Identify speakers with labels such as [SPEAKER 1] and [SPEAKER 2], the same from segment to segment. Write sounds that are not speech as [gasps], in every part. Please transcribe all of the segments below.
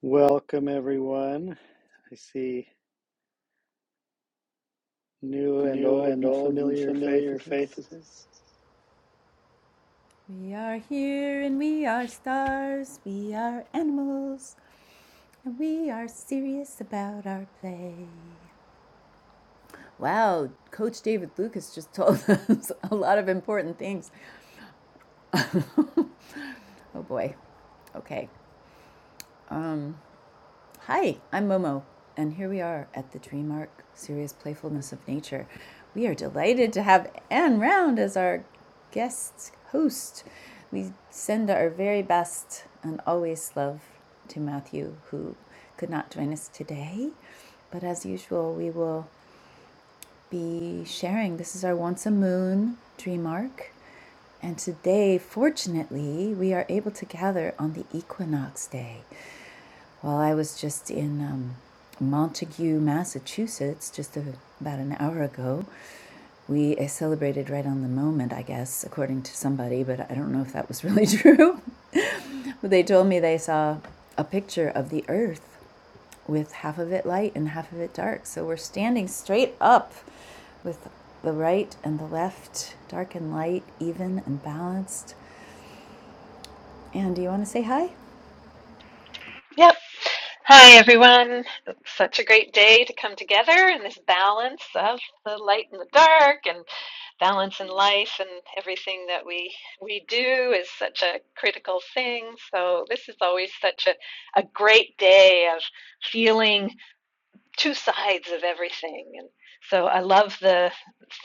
[SPEAKER 1] Welcome, everyone. I see new and
[SPEAKER 2] new
[SPEAKER 1] old
[SPEAKER 2] and
[SPEAKER 1] and
[SPEAKER 2] old and
[SPEAKER 1] familiar
[SPEAKER 2] familiar
[SPEAKER 1] faces.
[SPEAKER 2] faces. We are here and we are stars, we are animals, and we are serious about our play. Wow, Coach David Lucas just [laughs] told us a lot of important things. Oh boy. Okay. Hi, I'm Momo, and here we are at the Dream Arc Serious Playfulness of Nature. We are delighted to have Anne Round as our guest host. We send our very best and always love to Matthew, who could not join us today. But as usual, we will be sharing. This is our once a moon Dream Arc. And today, fortunately, we are able to gather on the equinox day. Well, I was just in um, Montague, Massachusetts, just a, about an hour ago. We uh, celebrated right on the moment, I guess, according to somebody, but I don't know if that was really [laughs] true. but they told me they saw a picture of the Earth with half of it light and half of it dark. So we're standing straight up with the right and the left, dark and light, even and balanced. And do you want to say hi?
[SPEAKER 3] Yep. Hi, everyone. It's such a great day to come together in this balance of the light and the dark and balance in life and everything that we we do is such a critical thing. So this is always such a, a great day of feeling two sides of everything. And so I love the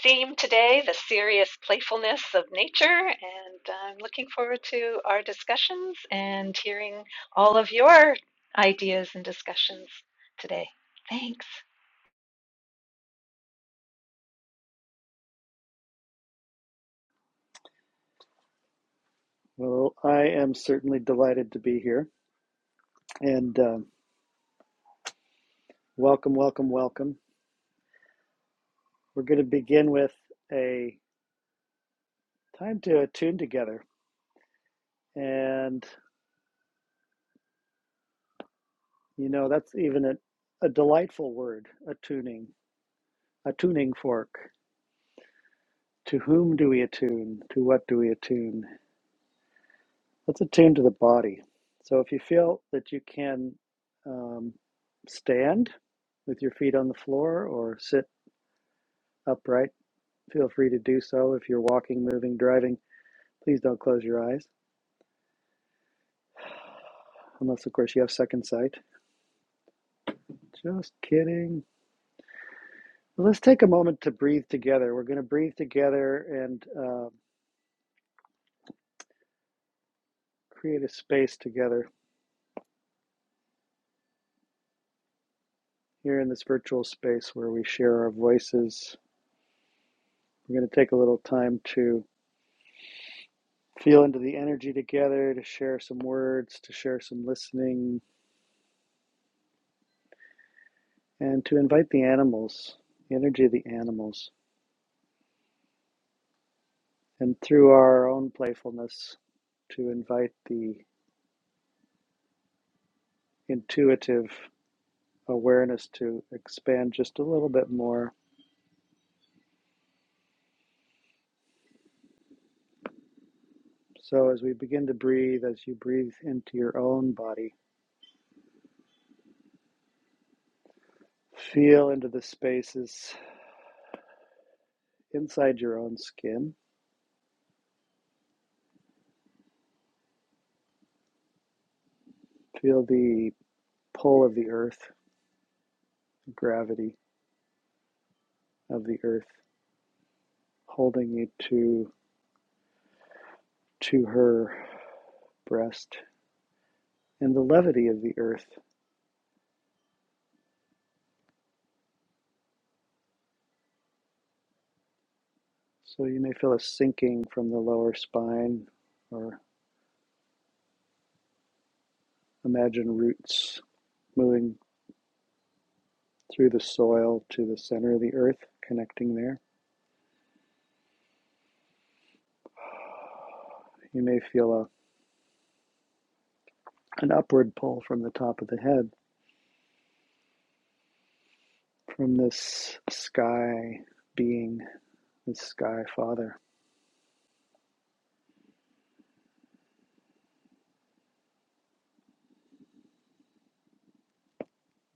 [SPEAKER 3] theme today, the serious playfulness of nature, and I'm looking forward to our discussions and hearing all of your ideas and discussions today. Thanks.
[SPEAKER 1] Well, I am certainly delighted to be here. And um, welcome, welcome, welcome. We're going to begin with a time to attune together. And, you know, that's even a, a delightful word attuning, a tuning fork. To whom do we attune? To what do we attune? Let's attune to the body. So if you feel that you can um, stand with your feet on the floor or sit upright, feel free to do so. If you're walking, moving, driving, please don't close your eyes, unless, of course, you have second sight. Just kidding. Well, Let's take a moment to breathe together. We're going to breathe together and uh, create a space together here in this virtual space where we share our voices. We're going to take a little time to feel into the energy together to share some words, to share some listening, and to invite the animals, the energy of the animals, and through our own playfulness to invite the intuitive awareness to expand just a little bit more. So, as we begin to breathe, as you breathe into your own body, feel into the spaces inside your own skin, feel the pull of the earth, the gravity of the earth holding you to to her breast and the levity of the earth. So you may feel a sinking from the lower spine or imagine roots moving through the soil to the center of the earth, connecting there. You may feel a, an upward pull from the top of the head, from this sky being, this sky father.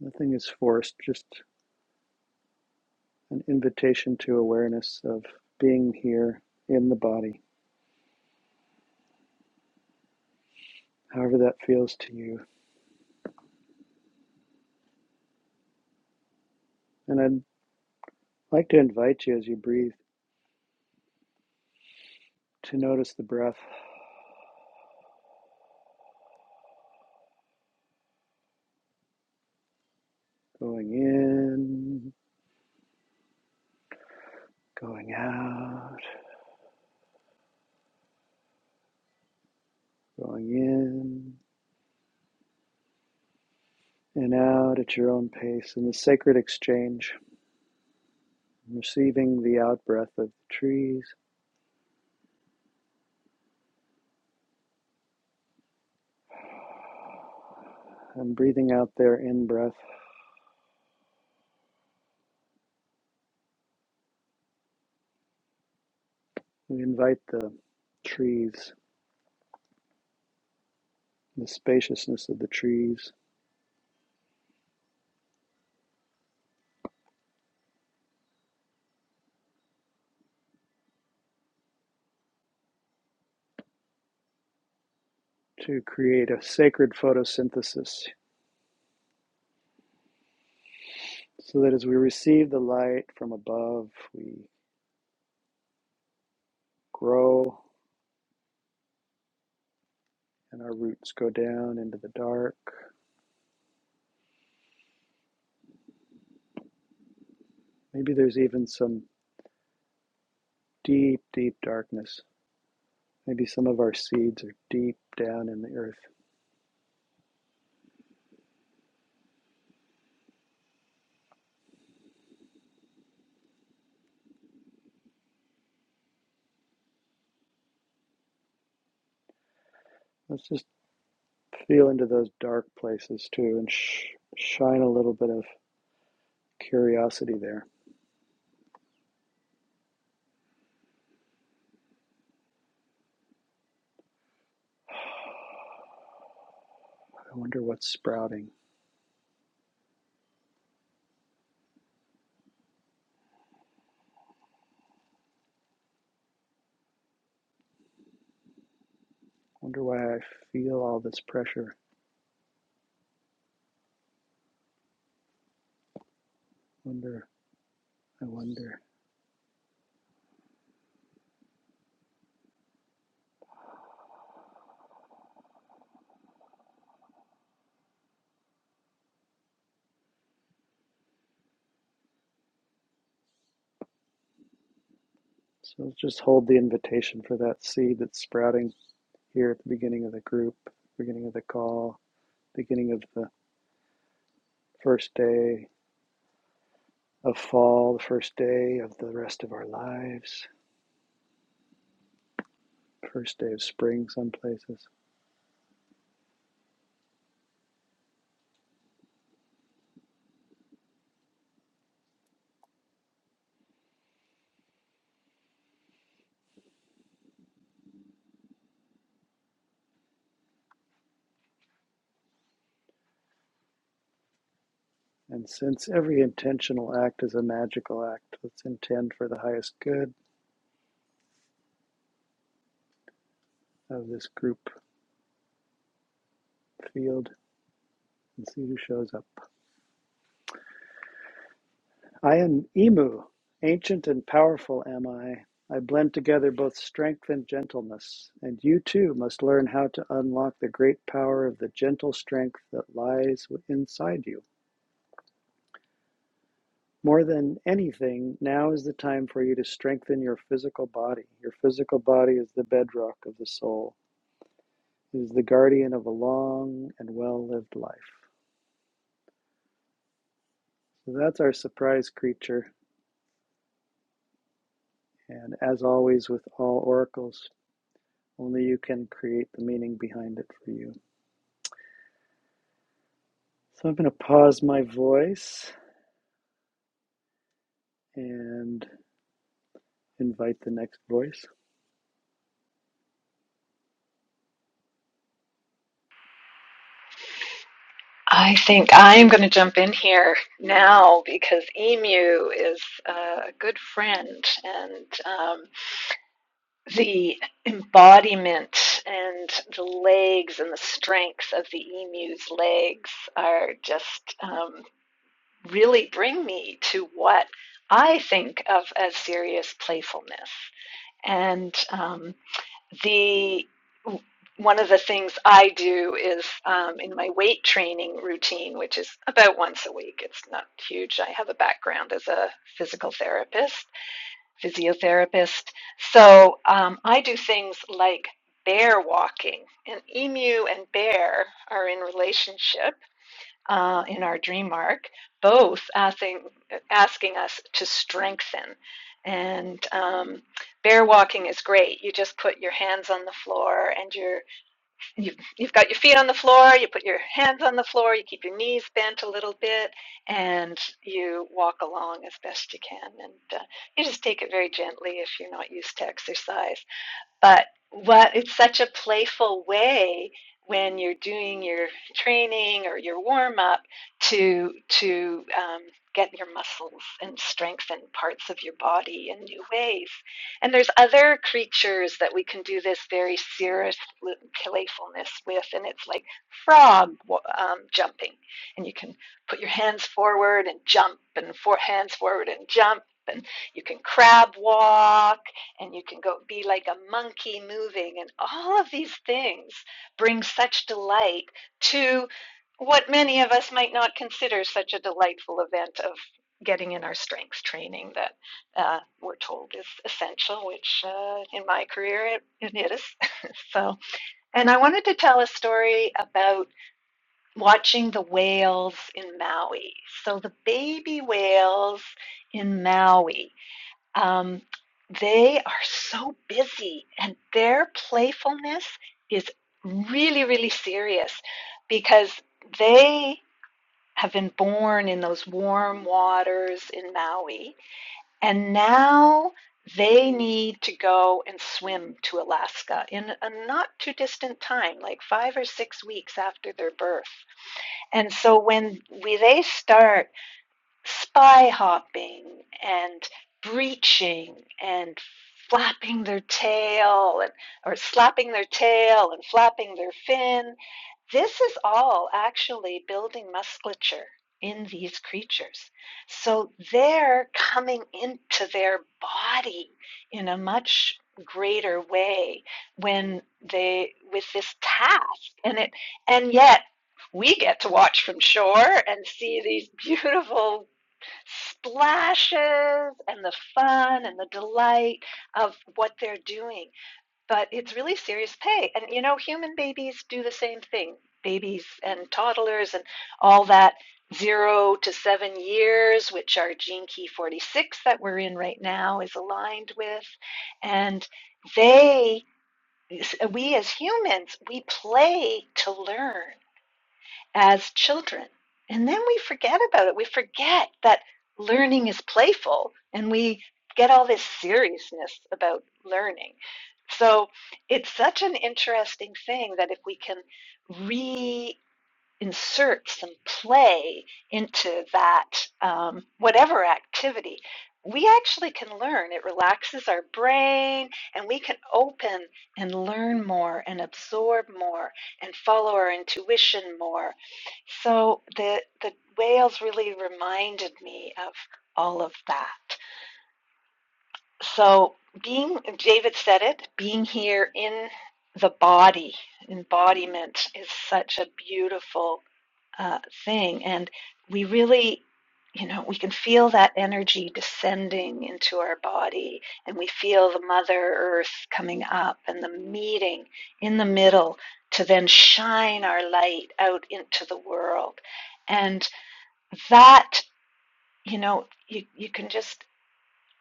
[SPEAKER 1] Nothing is forced, just an invitation to awareness of being here in the body, however that feels to you. And I'd like to invite you as you breathe to notice the breath going in, going out, going in and out at your own pace in the sacred exchange, receiving the out breath of the trees and breathing out their in breath. We invite the trees, the spaciousness of the trees, to create a sacred photosynthesis so that as we receive the light from above, we grow and our roots go down into the dark. Maybe there's even some deep, deep darkness. Maybe some of our seeds are deep down in the earth. Let's just feel into those dark places too and sh- shine a little bit of curiosity there. [sighs] I wonder what's sprouting. I Wonder why I feel all this pressure. I Wonder, I wonder. So just hold the invitation for that seed that's sprouting here at the beginning of the group, beginning of the call, beginning of the First day of fall, the first day of the rest of our lives, first day of spring, some places. And since every intentional act is a magical act, let's intend for the highest good of this group field and see who shows up. I am Emu, ancient and powerful am I. I blend together both strength and gentleness, and you too must learn how to unlock the great power of the gentle strength that lies inside you. More than anything, now is the time for you to strengthen your physical body. Your physical body is the bedrock of the soul, it is the guardian of a long and well lived life. So that's our surprise creature. And as always, with all oracles, only you can create the meaning behind it for you. So I'm going to pause my voice and invite the next voice.
[SPEAKER 3] I think I'm going to jump in here now because Emu is a good friend, and um, the embodiment and the legs and the strength of the emu's legs are just um, really bring me to what I think of as serious playfulness. And um, the one of the things I do is um, in my weight training routine, which is about once a week. It's not huge. I have a background as a physical therapist, physiotherapist. So um, I do things like bear walking, and emu and bear are in relationship uh, in our dream arc, both asking asking us to strengthen. And um, bear walking is great. You just put your hands on the floor and you're You've, you've got your feet on the floor, you put your hands on the floor, you keep your knees bent a little bit, and you walk along as best you can. And uh, you just take it very gently if you're not used to exercise. But what it's such a playful way when you're doing your training or your warm up to to um, get your muscles and strengthen parts of your body in new ways. And there's other creatures that we can do this very serious playfulness with, and it's like frog um, jumping, and you can put your hands forward and jump, and four hands forward and jump, and you can crab walk and you can go be like a monkey moving and all of these things bring such delight to what many of us might not consider such a delightful event of getting in our strength training that uh, we're told is essential which uh, in my career it, it is [laughs] so and i wanted to tell a story about watching the whales in maui so the baby whales in maui um, they are so busy and their playfulness is really, really serious because they have been born in those warm waters in Maui and now they need to go and swim to Alaska in a not too distant time, like five or six weeks after their birth. And so when we, they start spy hopping and breaching and flapping their tail and, or slapping their tail and flapping their fin. This is all actually building musculature in these creatures. So they're coming into their body in a much greater way when they with this task and it and yet we get to watch from shore and see these beautiful splashes and the fun and the delight of what they're doing. But it's really serious pay. And you know, human babies do the same thing. Babies and toddlers and all that zero to seven years, which our gene key 46 that we're in right now is aligned with. And they, we as humans, we play to learn as children. And then we forget about it. We forget that learning is playful and we get all this seriousness about learning. So it's such an interesting thing that if we can re insert some play into that um, whatever activity, we actually can learn. It relaxes our brain and we can open and learn more and absorb more and follow our intuition more. So the, the whales really reminded me of all of that. So being, David said it, being here in the body, embodiment is such a beautiful uh, thing. And we really, you know, we can feel that energy descending into our body, and we feel the Mother Earth coming up and the meeting in the middle to then shine our light out into the world. And that, you know, you, you can just.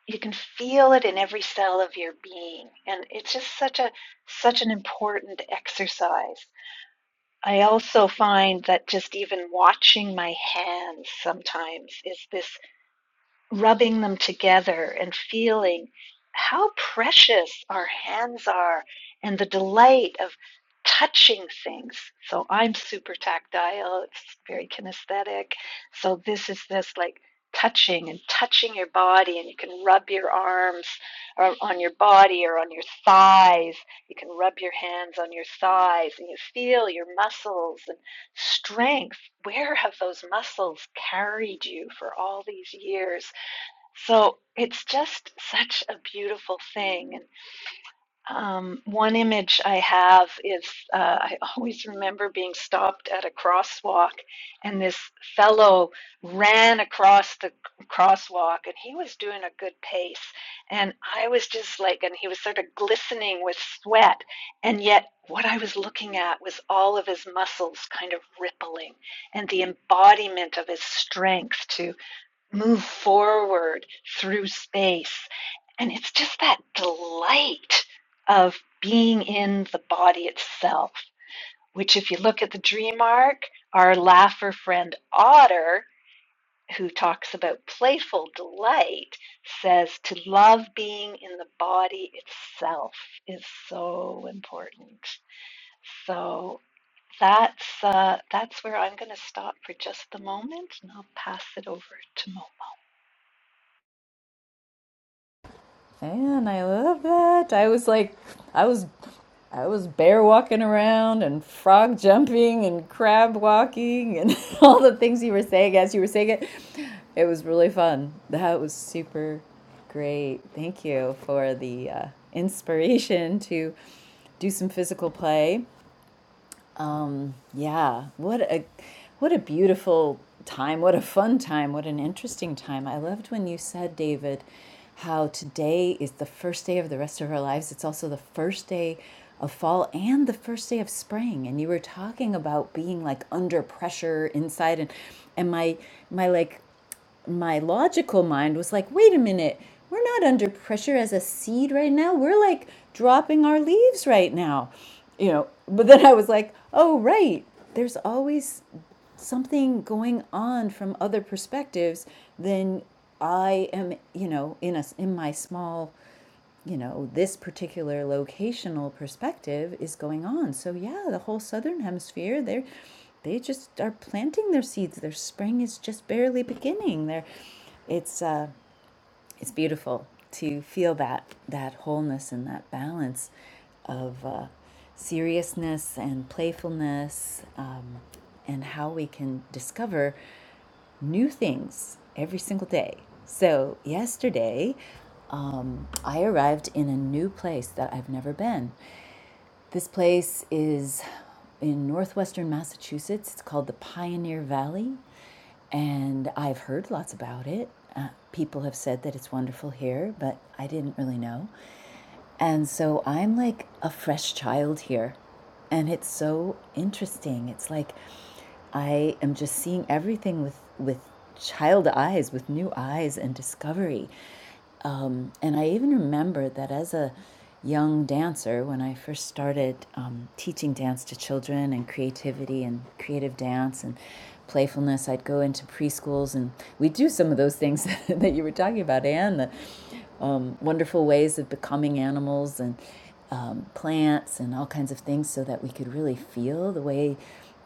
[SPEAKER 3] You can feel it in every cell of your being, and it's just such a such an important exercise I also find that just even watching my hands sometimes is this rubbing them together and feeling how precious our hands are and the delight of touching things. So I'm super tactile, it's very kinesthetic. So this is this like touching and touching your body and you can rub your arms or on your body or on your thighs you can rub your hands on your thighs and you feel your muscles and strength where have those muscles carried you for all these years so it's just such a beautiful thing. And um, one image I have is uh, I always remember being stopped at a crosswalk, and this fellow ran across the crosswalk, and he was doing a good pace. And I was just like, and he was sort of glistening with sweat. And yet, what I was looking at was all of his muscles kind of rippling and the embodiment of his strength, too move forward through space. And it's just that delight of being in the body itself, which, if you look at the dream arc, our laugher friend Otter, who talks about playful delight, says to love being in the body itself is so important. So that's uh, that's where I'm going to stop for just the moment, and I'll pass it over to Mo.
[SPEAKER 2] And I love that. I was like, I was, I was bear walking around and frog jumping and crab walking and [laughs] all the things you were saying as you were saying it. It was really fun. That was super great. Thank you for the uh, inspiration to do some physical play. Yeah, what a what a beautiful time, what a fun time, what an interesting time. I loved when you said, David, how today is the first day of the rest of our lives. It's also the first day of fall and the first day of spring. And you were talking about being like under pressure inside and and my my like my logical mind was like, wait a minute, we're not under pressure as a seed right now. We're like dropping our leaves right now, you know. But then I was like, oh, right, there's always something going on from other perspectives than I am, you know, in a, in my small you know, this particular locational perspective is going on. So yeah, the whole southern hemisphere, they're they just are planting their seeds. Their spring is just barely beginning. They're it's uh it's beautiful to feel that that wholeness and that balance of uh, seriousness and playfulness um, and how we can discover new things every single day so yesterday um, i arrived in a new place that i've never been this place is in northwestern Massachusetts. It's called the Pioneer Valley, and I've heard lots about it. Uh, people have said that it's wonderful here, but I didn't really know. And so I'm like a fresh child here and it's so interesting it's like i am just seeing everything with with child eyes with new eyes and discovery um, and i even remember that as a young dancer when i first started um, teaching dance to children and creativity and creative dance and playfulness i'd go into preschools and we would do some of those things [laughs] that you were talking about anne the um, wonderful ways of becoming animals and um, plants and all kinds of things so that we could really feel the way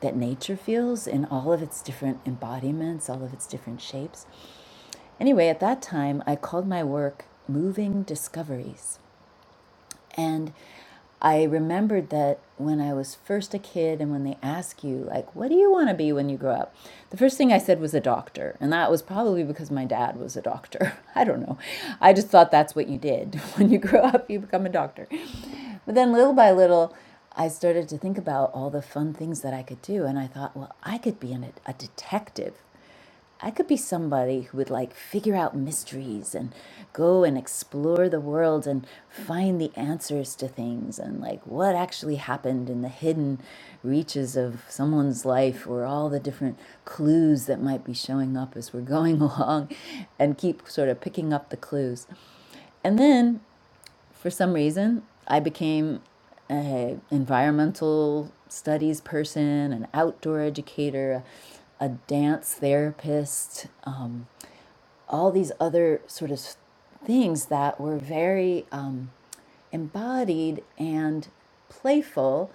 [SPEAKER 2] that nature feels in all of its different embodiments, all of its different shapes. Anyway, at that time, I called my work Moving Discoveries. And I remembered that when I was first a kid, and when they ask you, like, what do you want to be when you grow up? The first thing I said was a doctor. And that was probably because my dad was a doctor. [laughs] I don't know. I just thought that's what you did. [laughs] When you grow up, you become a doctor. But then little by little, I started to think about all the fun things that I could do. And I thought, well, I could be an, a detective. I could be somebody who would like figure out mysteries and go and explore the world and find the answers to things and like what actually happened in the hidden reaches of someone's life or all the different clues that might be showing up as we're going [laughs] along and keep sort of picking up the clues. And then for some reason, I became a environmental studies person, an outdoor educator, a, a dance therapist. um, all these other sort of things that were very um, embodied and playful,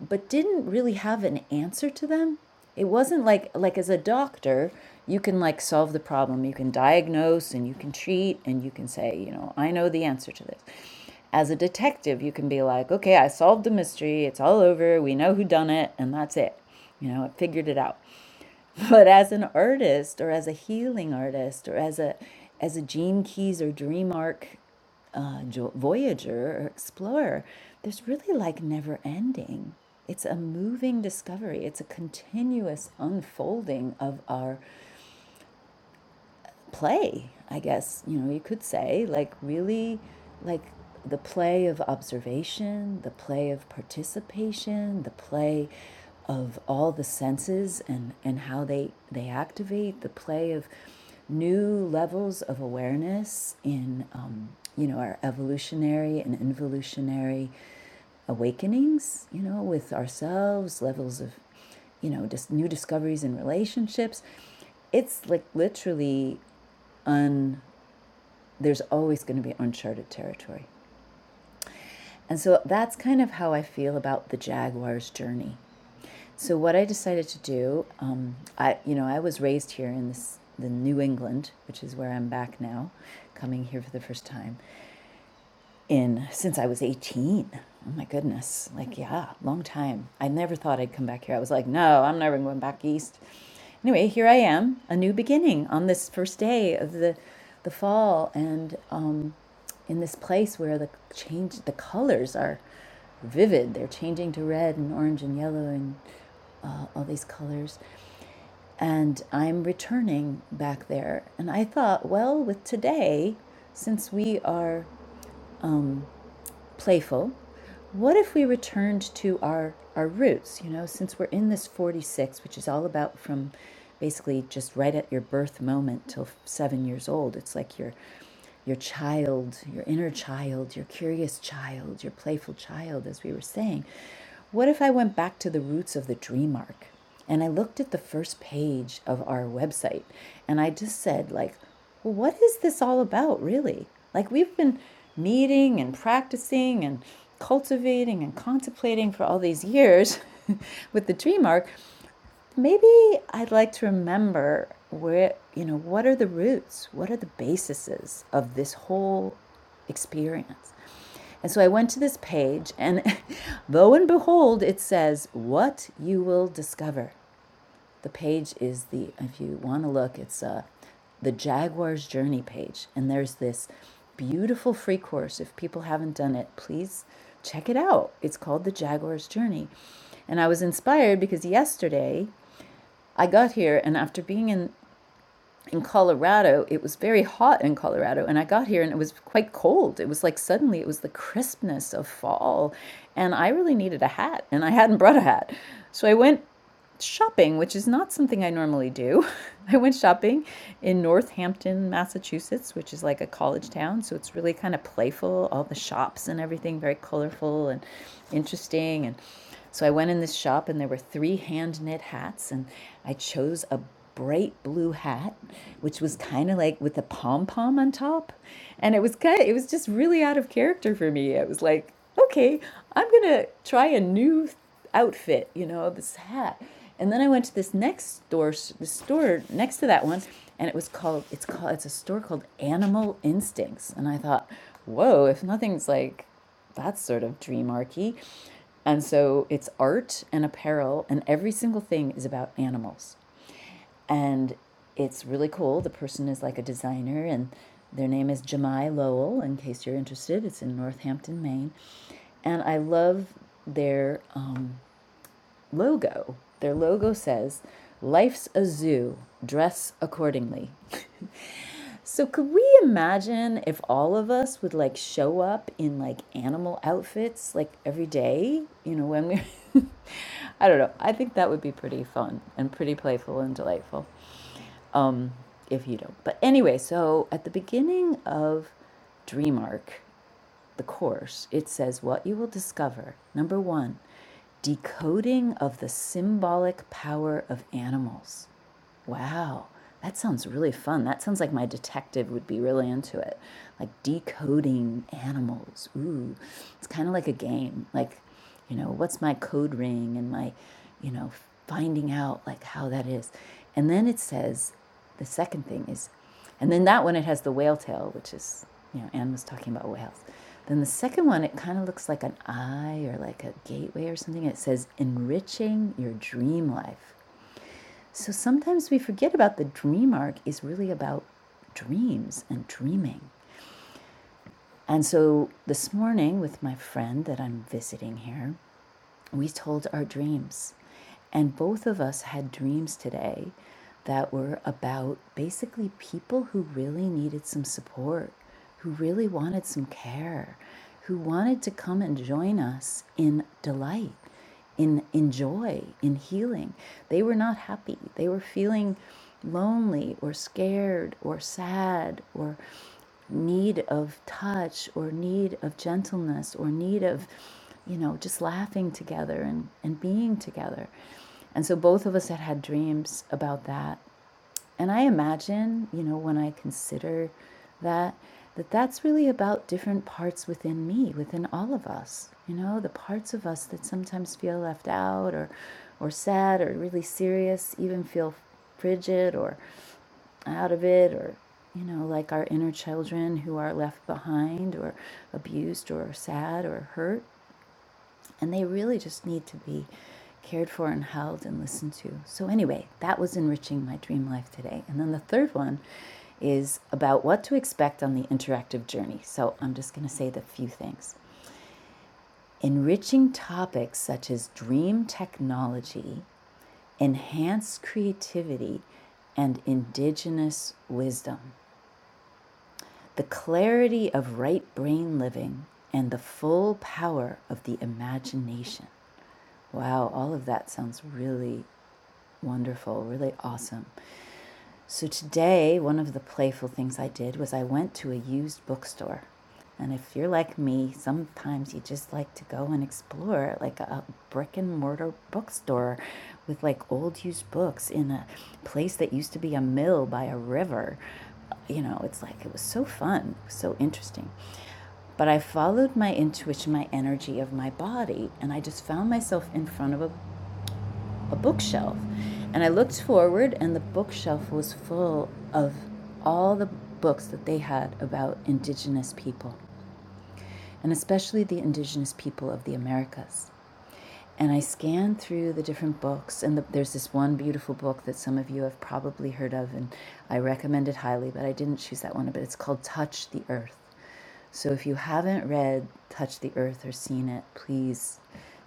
[SPEAKER 2] but didn't really have an answer to them. It wasn't like like as a doctor, you can like solve the problem, you can diagnose and you can treat and you can say, you know, I know the answer to this. As a detective, you can be like, okay, I solved the mystery, it's all over, we know who done it, and that's it. You know, I figured it out. But as an artist or as a healing artist or as a as a Gene Keys or Dream Arc uh, jo- voyager or explorer, there's really like never ending. It's a moving discovery. It's a continuous unfolding of our play, I guess, you know, you could say, like really like the play of observation, the play of participation, the play of all the senses and, and how they, they activate, the play of new levels of awareness in, um, you know, our evolutionary and involutionary awakenings, you know, with ourselves, levels of, you know, just dis- new discoveries in relationships. It's like literally un there's always going to be uncharted territory. And so that's kind of how I feel about the Jaguar's journey. So what I decided to do, um, I you know I was raised here in this the New England, which is where I'm back now, coming here for the first time. in since I was 18. Oh my goodness. Like, yeah, long time. I never thought I'd come back here. I was like, no, I'm never going back east. Anyway, here I am, a new beginning on this first day of the the fall and um in this place where the change the colors are vivid. They're changing to red and orange and yellow and uh, all these colors. And I'm returning back there. And I thought, well, with today, since we are playful, what if we returned to our, our roots? You know, since we're in this 46, which is all about from basically just right at your birth moment till seven years old, it's like your your child, your inner child, your curious child, your playful child, as we were saying. What if I went back to the roots of the dream arc and I looked at the first page of our website and I just said, like, well, what is this all about, really? Like, we've been meeting and practicing and cultivating and contemplating for all these years [laughs] with the dream arc. Maybe I'd like to remember where, you know, what are the roots? What are the bases of this whole experience? And so I went to this page, and [laughs] lo and behold, it says, What you will discover. The page is the, if you want to look, it's uh, the Jaguar's Journey page. And there's this beautiful free course. If people haven't done it, please check it out. It's called The Jaguar's Journey. And I was inspired because yesterday I got here, and after being in, in Colorado, it was very hot in Colorado. And I got here and it was quite cold. It was like suddenly it was the crispness of fall. And I really needed a hat, and I hadn't brought a hat. So I went shopping, which is not something I normally do. [laughs] I went shopping in Northampton, Massachusetts, which is like a college town. So it's really kind of playful, all the shops and everything, very colorful and interesting. And so I went in this shop, and there were three hand knit hats, and I chose a bright blue hat which was kind of like with a pom pom on top and it was kind of, it was just really out of character for me it was like okay, I'm gonna try a new outfit, you know, this hat. And then I went to this next store, the store next to that one, and it was called, it's called, it's a store called Animal Instincts. And I thought, whoa, if nothing's like, that's sort of dreamarchy. And so it's art and apparel, and every single thing is about animals and it's really cool. The person is like a designer, and their name is Jemai Lowell. In case you're interested, it's in Northampton, Maine, and I love their um, logo. Their logo says, "Life's a zoo. Dress accordingly." [laughs] So could we imagine if all of us would like show up in like animal outfits like every day? You know, when we [laughs] I don't know. I think that would be pretty fun and pretty playful and delightful um, if you don't. But anyway, so at the beginning of DreamArc, the course, it says what you will discover. Number one, decoding of the symbolic power of animals. Wow, that sounds really fun. That sounds like my detective would be really into it. Like decoding animals. Ooh, it's kind of like a game. Like, you know, what's my code ring and my, you know, finding out like how that is. And then it says the second thing is, and then that one it has the whale tail, which is, you know, Anne was talking about whales. Then the second one, it kind of looks like an eye or like a gateway or something. It says enriching your dream life. So sometimes we forget about the dream arc is really about dreams and dreaming. And so this morning, with my friend that I'm visiting here, we told our dreams. And both of us had dreams today that were about basically people who really needed some support, who really wanted some care, who wanted to come and join us in delight in in joy in healing they were not happy they were feeling lonely or scared or sad or need of touch or need of gentleness or need of you know just laughing together and and being together and so both of us had had dreams about that and I imagine, you know, when I consider that, that that's really about different parts within me, within all of us, you know, the parts of us that sometimes feel left out or, or sad or really serious, even feel frigid or out of it or, you know, like our inner children who are left behind or abused or sad or hurt. And they really just need to be cared for and held and listened to. So, anyway, that was enriching my dream life today. And then the third one is about what to expect on the interactive journey. So, I'm just going to say the few things. Enriching topics such as dream technology, enhanced creativity, and indigenous wisdom. The clarity of right brain living and the full power of the imagination. Wow, all of that sounds really wonderful, really awesome. So, today, one of the playful things I did was I went to a used bookstore. And if you're like me, sometimes you just like to go and explore like a brick and mortar bookstore with like old used books in a place that used to be a mill by a river. You know, it's like it was so fun, so interesting. But I followed my intuition, my energy of my body, and I just found myself in front of a a bookshelf. And I looked forward, and the bookshelf was full of all the books that they had about Indigenous people, and especially the Indigenous people of the Americas. And I scanned through the different books, and the, there's this one beautiful book that some of you have probably heard of, and I recommend it highly, but I didn't choose that one. But it's called Touch the Earth. So if you haven't read Touch the Earth or seen it, please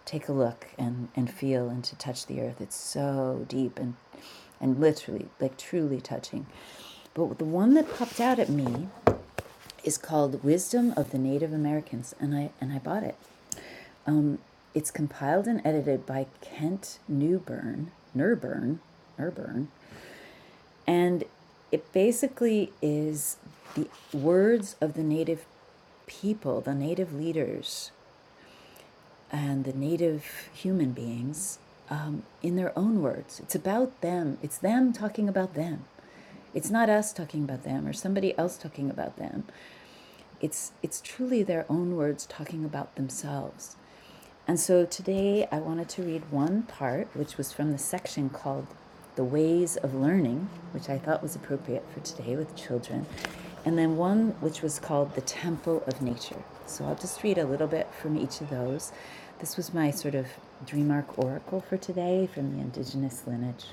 [SPEAKER 2] take a look and, and feel and to touch the earth. It's so deep and and literally, like truly touching. But the one that popped out at me is called Wisdom of the Native Americans, and I and I bought it. It's compiled and edited by Kent Newburn, Nurburn, Nurburn, and it basically is the words of the native people, the native leaders, and the native human beings um, in their own words. It's about them. It's them talking about them. It's not us talking about them or somebody else talking about them. It's, it's truly their own words talking about themselves. And so today I wanted to read one part, which was from the section called The Ways of Learning, which I thought was appropriate for today with children, and then one which was called The Temple of Nature. So I'll just read a little bit from each of those. This was my sort of dream arc oracle for today from the indigenous lineage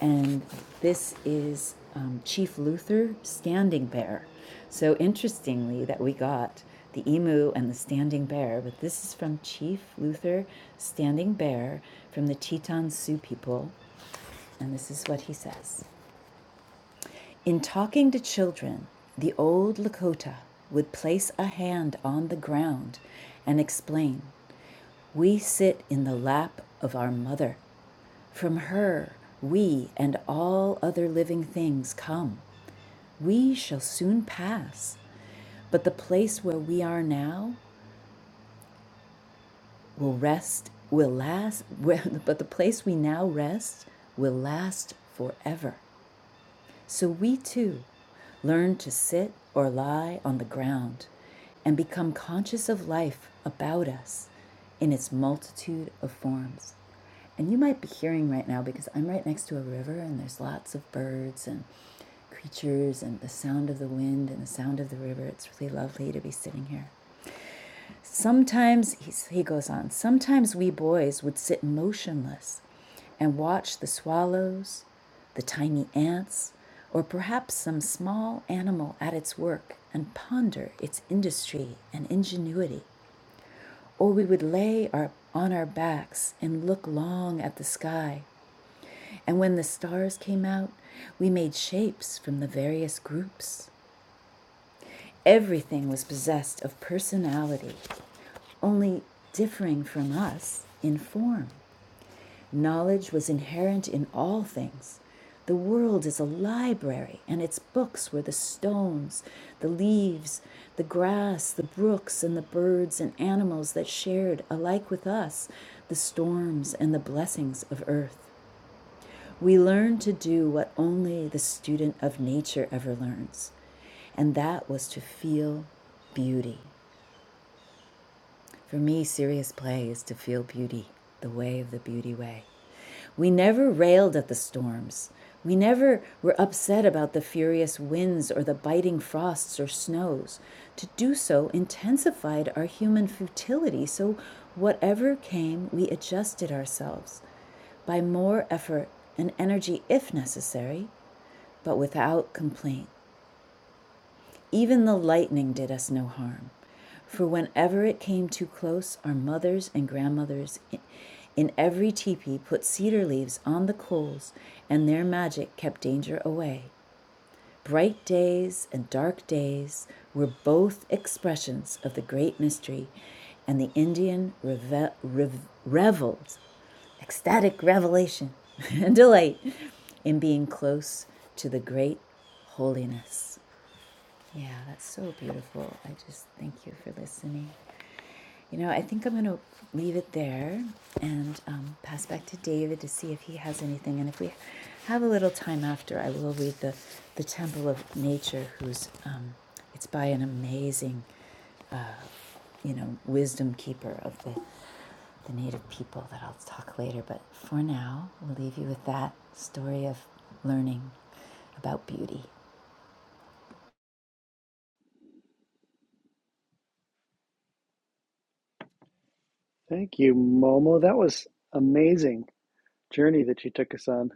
[SPEAKER 2] and this is um, Chief Luther Standing Bear. So interestingly, that we got the emu and the standing bear, but this is from Chief Luther Standing Bear from the Teton Sioux people, and this is what he says In talking to children, the old Lakota would place a hand on the ground and explain. We sit in the lap of our mother. From her we and all other living things come. We shall soon pass, but the place where we are now will rest, will last, [laughs] but the place we now rest will last forever. So we too learn to sit or lie on the ground and become conscious of life about us in its multitude of forms. And you might be hearing right now because I'm right next to a river and there's lots of birds and creatures and the sound of the wind and the sound of the river. It's really lovely to be sitting here. Sometimes, he's, he goes on, sometimes we boys would sit motionless and watch the swallows, the tiny ants, or perhaps some small animal at its work and ponder its industry and ingenuity. Or we would lay our, on our backs and look long at the sky. And when the stars came out, we made shapes from the various groups. Everything was possessed of personality only differing from us in form. Knowledge was inherent in all things. The world is a library, and its books were the stones, the leaves, the grass, the brooks, and the birds and animals that shared, alike with us, the storms and the blessings of earth. We learn to do what only the student of nature ever learns, and that was to feel beauty. For me, serious play is to feel beauty, the way of the beauty way. We never railed at the storms. We never were upset about the furious winds or the biting frosts or snows. To do so intensified our human futility, so whatever came, we adjusted ourselves by more effort and energy if necessary, but without complaint. Even the lightning did us no harm, for whenever it came too close, our mothers and grandmothers in every teepee put cedar leaves on the coals, and their magic kept danger away. Bright days and dark days were both expressions of the great mystery, and the Indian reve- rev- reveled, ecstatic revelation [laughs] and delight in being close to the great holiness. Yeah, that's so beautiful. I just thank you for listening. You know, I think I'm going to leave it there and um, pass back to David to see if he has anything. And if we have a little time after, I will read the, the Temple of Nature, who's um, it's by an amazing, uh, you know, wisdom keeper of the the native people that I'll talk later. But for now, we'll leave you with that story of learning about beauty.
[SPEAKER 1] Thank you, Momo. That was amazing journey that you took us on.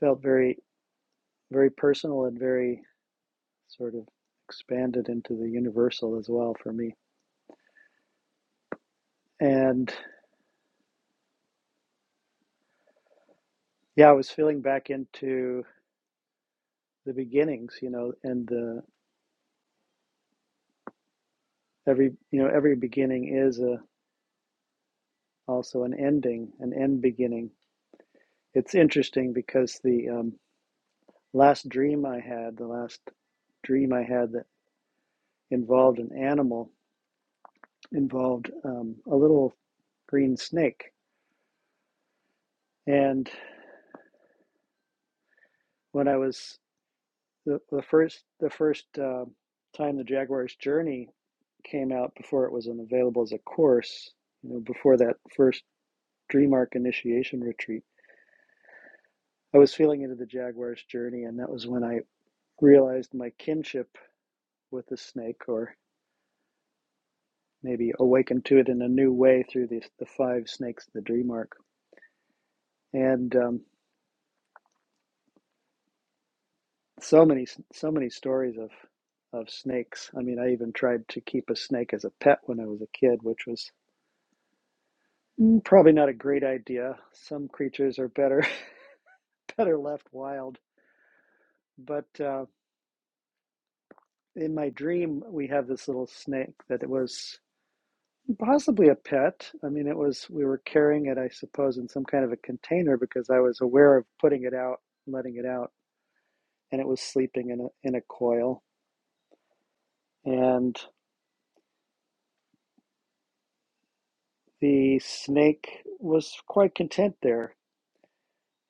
[SPEAKER 1] Felt very, very personal and very sort of expanded into the universal as well for me. And yeah, I was feeling back into the beginnings, you know, and the every you know every beginning is a also an ending, an end beginning. It's interesting because the um, last dream I had, the last dream I had that involved an animal, involved um, a little green snake. And when I was the, the first the first uh, time the Jaguar's journey came out before it was available as a course, you know, before that first DreamArc initiation retreat, I was feeling into the Jaguar's journey, and that was when I realized my kinship with the snake, or maybe awakened to it in a new way through the, the five snakes of the DreamArc. And um, so many, so many stories of of snakes. I mean, I even tried to keep a snake as a pet when I was a kid, which was mm, probably not a great idea. Some creatures are better [laughs] better left wild, but. Uh, in my dream we have this little snake that it was possibly a pet i mean it was we were carrying it i suppose in some kind of a container because i was aware of putting it out letting it out and it was sleeping in a in a coil and the snake was quite content there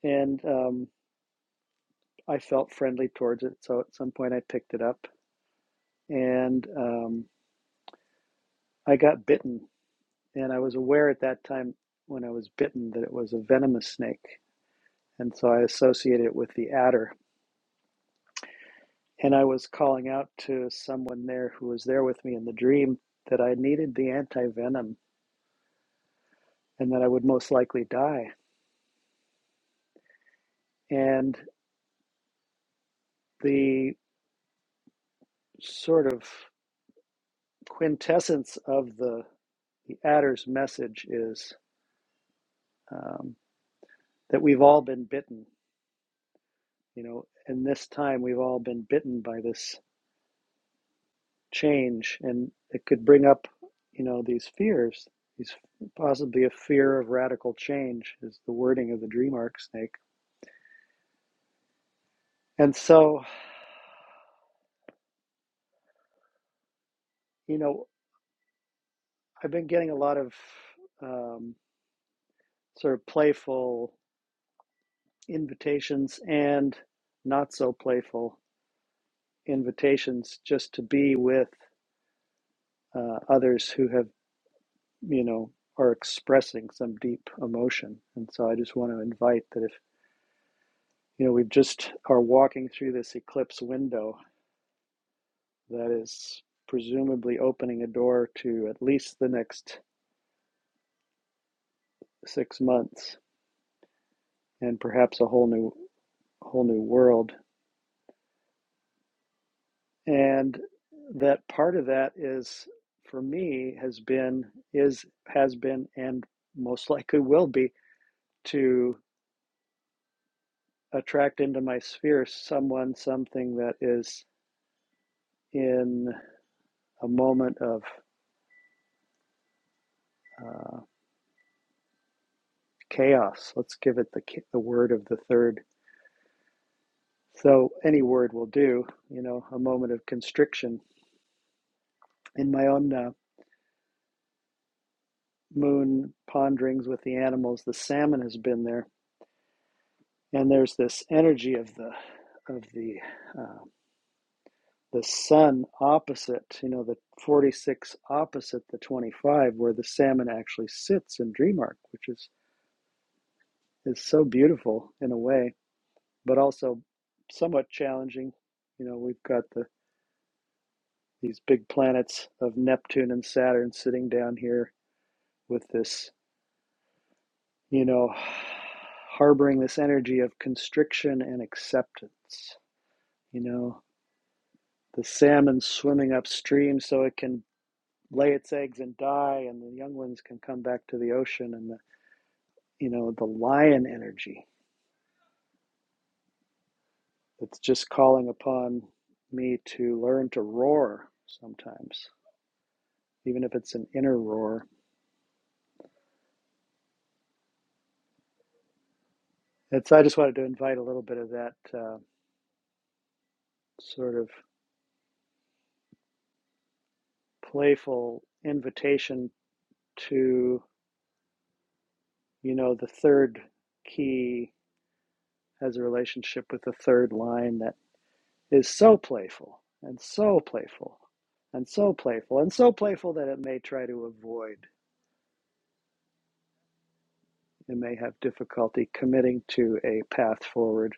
[SPEAKER 1] and um, i felt friendly towards it so at some point i picked it up and um, i got bitten and i was aware at that time when i was bitten that it was a venomous snake And so I associate it with the adder. And I was calling out to someone there who was there with me in the dream that I needed the anti venom and that I would most likely die. And the sort of quintessence of the, the adder's message is um, that we've all been bitten, you know, and this time we've all been bitten by this change and it could bring up you know these fears these possibly a fear of radical change is the wording of the dream arc snake and so you know i've been getting a lot of um, sort of playful invitations and not so playful invitations just to be with uh, others who have you know are expressing some deep emotion and so i just want to invite that if you know we've just are walking through this eclipse window that is presumably opening a door to at least the next six months and perhaps a whole new whole new world. And that part of that is for me has been is has been and most likely will be to attract into my sphere someone something that is in a moment of uh, chaos let's give it the the word of the third So any word will do, you know, a moment of constriction. In my own uh, moon ponderings with the animals, the salmon has been there, and there's this energy of the of the uh, the sun opposite, you know, the 46 opposite the 25, where the salmon actually sits in dream arc, which is is so beautiful in a way, but also somewhat challenging. You know, we've got the these big planets of Neptune and Saturn sitting down here with this you know, harboring this energy of constriction and acceptance. You know, the salmon swimming upstream so it can lay its eggs and die, and the young ones can come back to the ocean, and the, you know, the lion energy that's just calling upon me to learn to roar sometimes, even if it's an inner roar. It's, I just wanted to invite a little bit of that uh, sort of playful invitation to you know, the third key has a relationship with the third line that is so playful and so playful and so playful and so playful that it may try to avoid It may have difficulty committing to a path forward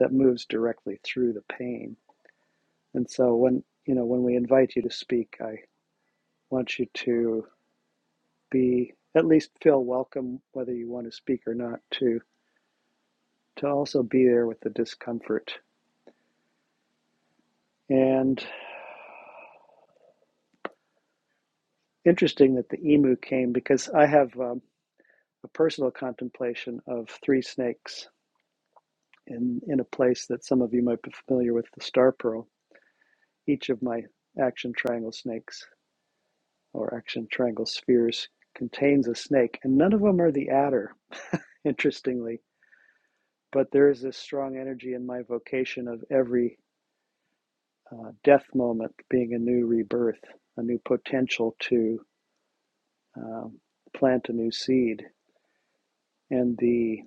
[SPEAKER 1] that moves directly through the pain. And so when, you know, when we invite you to speak, I want you to be at least feel welcome whether you want to speak or not to to also be there with the discomfort. And interesting that the emu came because I have um, a personal contemplation of three snakes in, in a place that some of you might be familiar with, the star pearl. Each of my action triangle snakes or action triangle spheres contains a snake, and none of them are the adder, interestingly. But there is this strong energy in my vocation of every uh, death moment being a new rebirth, a new potential to um, plant a new seed. And the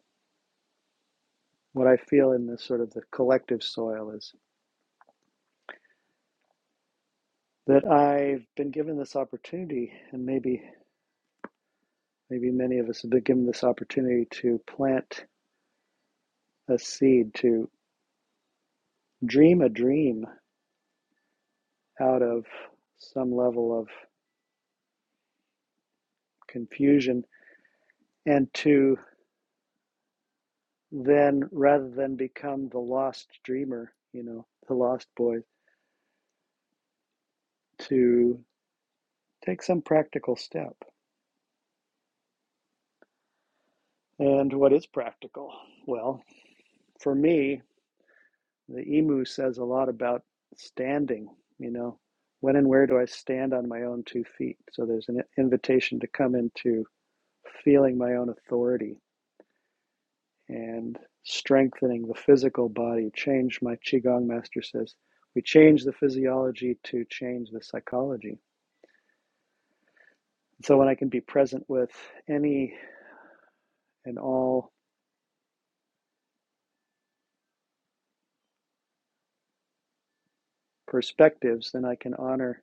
[SPEAKER 1] what I feel in this sort of the collective soil is that I've been given this opportunity, and maybe maybe many of us have been given this opportunity to plant a seed, to dream a dream out of some level of confusion, and to then rather than become the lost dreamer, you know, the lost boy, to take some practical step. And what is practical? Well, for me, The emu says a lot about standing, you know, when and where do I stand on my own two feet? So there's an invitation to come into feeling my own authority and strengthening the physical body. Change, my Qigong master says, we change the physiology to change the psychology. So when I can be present with any and all perspectives, then I can honor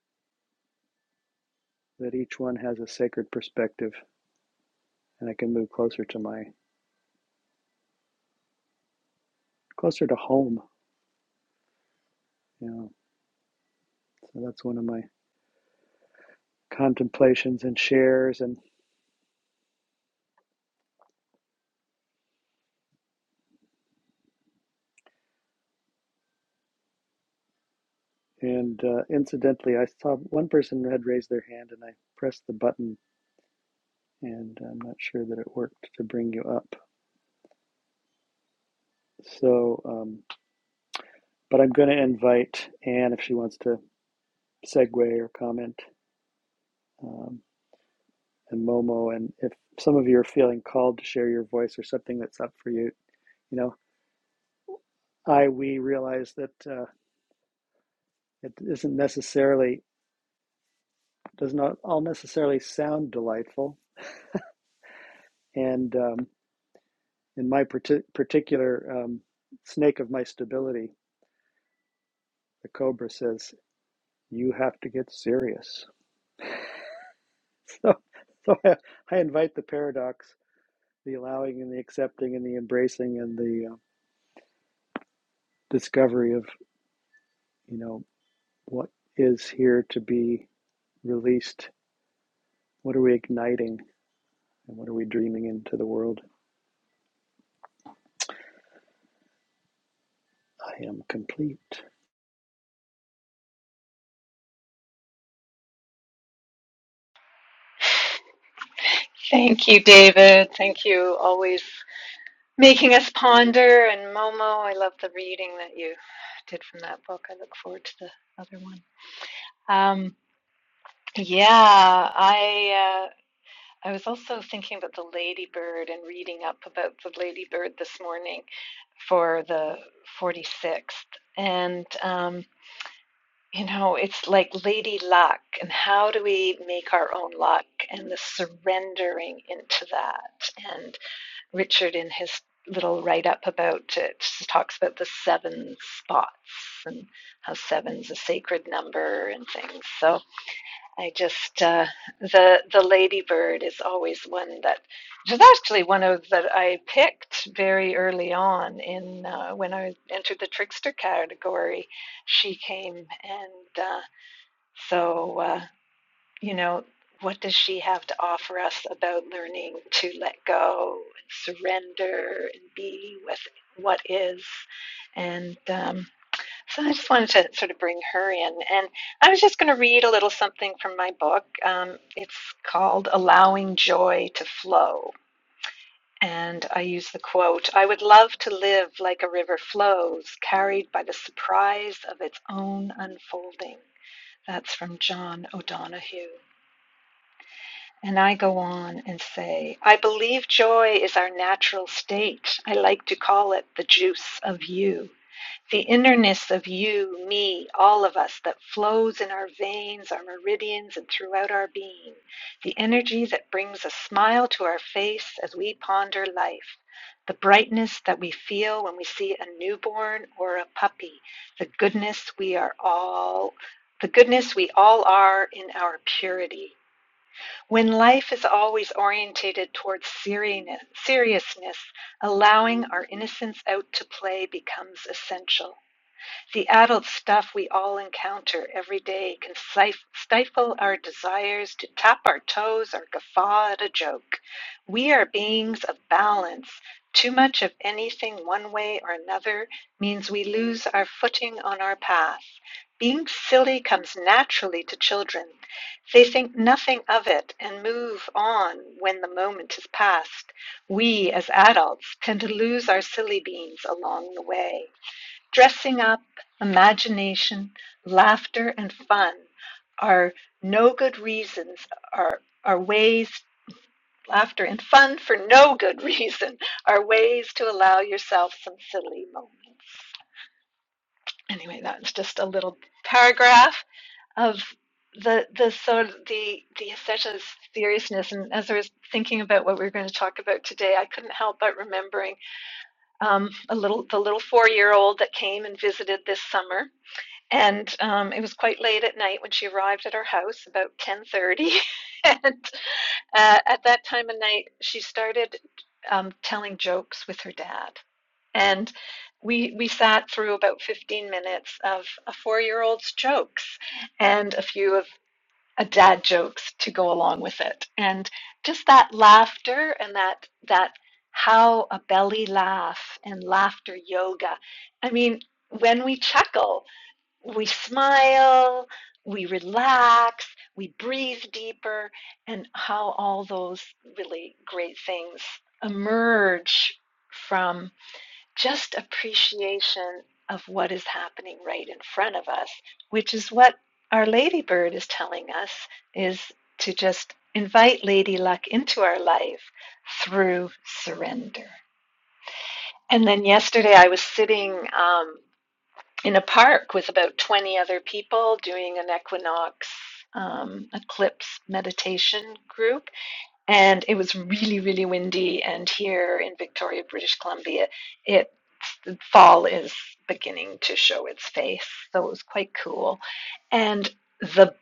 [SPEAKER 1] that each one has a sacred perspective and I can move closer to my, closer to home. You know. So that's one of my contemplations and shares. And and uh, incidentally, I saw one person had raised their hand, and I pressed the button, and I'm not sure that it worked to bring you up. So, um, but I'm going to invite Anne if she wants to segue or comment, um, and Momo, and if some of you are feeling called to share your voice or something that's up for you, you know, I we realize that uh, it isn't necessarily does not all necessarily sound delightful, and um, in my partic particular um, snake of my stability, the cobra says, "You have to get serious." [laughs] So, so I, I invite the paradox, the allowing and the accepting and the embracing and the uh, discovery of you know what is here to be released. What are we igniting and what are we dreaming into the world? I am complete.
[SPEAKER 3] Thank you, David. Thank you, always making us ponder. And Momo, I love the reading that you did from that book. I look forward to the other one. Um, yeah, I uh, I was also thinking about the ladybird and reading up about the ladybird this morning for the 46th. And um, you know, it's like lady luck, and how do we make our own luck and the surrendering into that? and Richard in his little write up about it talks about the seven spots and how seven's a sacred number and things. So I just uh, the the ladybird is always one that it was actually one of that I picked very early on in uh, when I entered the trickster category. She came and uh, so. Uh, you know, what does she have to offer us about learning to let go and surrender and be with what is? And um, so I just wanted to sort of bring her in. And I was just going to read a little something from my book. Um, it's called Allowing Joy to Flow. And I use the quote I would love to live like a river flows, carried by the surprise of its own unfolding. That's from John O'Donohue. And I go on and say, I believe joy is our natural state. I like to call it the juice of you, the innerness of you, me, all of us that flows in our veins, our meridians, and throughout our being, the energy that brings a smile to our face as we ponder life. The brightness that we feel when we see a newborn or a puppy, the goodness we are all, the goodness we all are in our purity, when life is always orientated towards seriousness, allowing our innocence out to play becomes essential. The adult stuff we all encounter every day can stifle our desires to tap our toes or guffaw at a joke. We are beings of balance. Too much of anything one way or another means we lose our footing on our path. Being silly comes naturally to children. They think nothing of it and move on when the moment is past. We, as adults, tend to lose our silly beans along the way. Dressing up, imagination, laughter, and fun are no good reasons, are, are ways, laughter and fun for no good [laughs] reason, are ways to allow yourself some silly moments. Anyway, that's just a little paragraph of the the sort of the the essential seriousness and as i was thinking about what we were going to talk about today i couldn't help but remembering um, a little the little four year old that came and visited this summer and um, it was quite late at night when she arrived at our house about 10.30 [laughs] and uh, at that time of night she started um, telling jokes with her dad and we we sat through about 15 minutes of a four-year-old's jokes and a few of a dad jokes to go along with it and just that laughter and that that how a belly laugh and laughter yoga i mean when we chuckle we smile, we relax, we breathe deeper, and how all those really great things emerge from just appreciation of what is happening right in front of us, which is what our ladybird is telling us is to just invite lady luck into our life through surrender. And then yesterday I was sitting, um, in a park with about 20 other people doing an equinox um, eclipse meditation group. And it was really, really windy. And here in Victoria, British Columbia, it fall is beginning to show its face. So it was quite cool. And the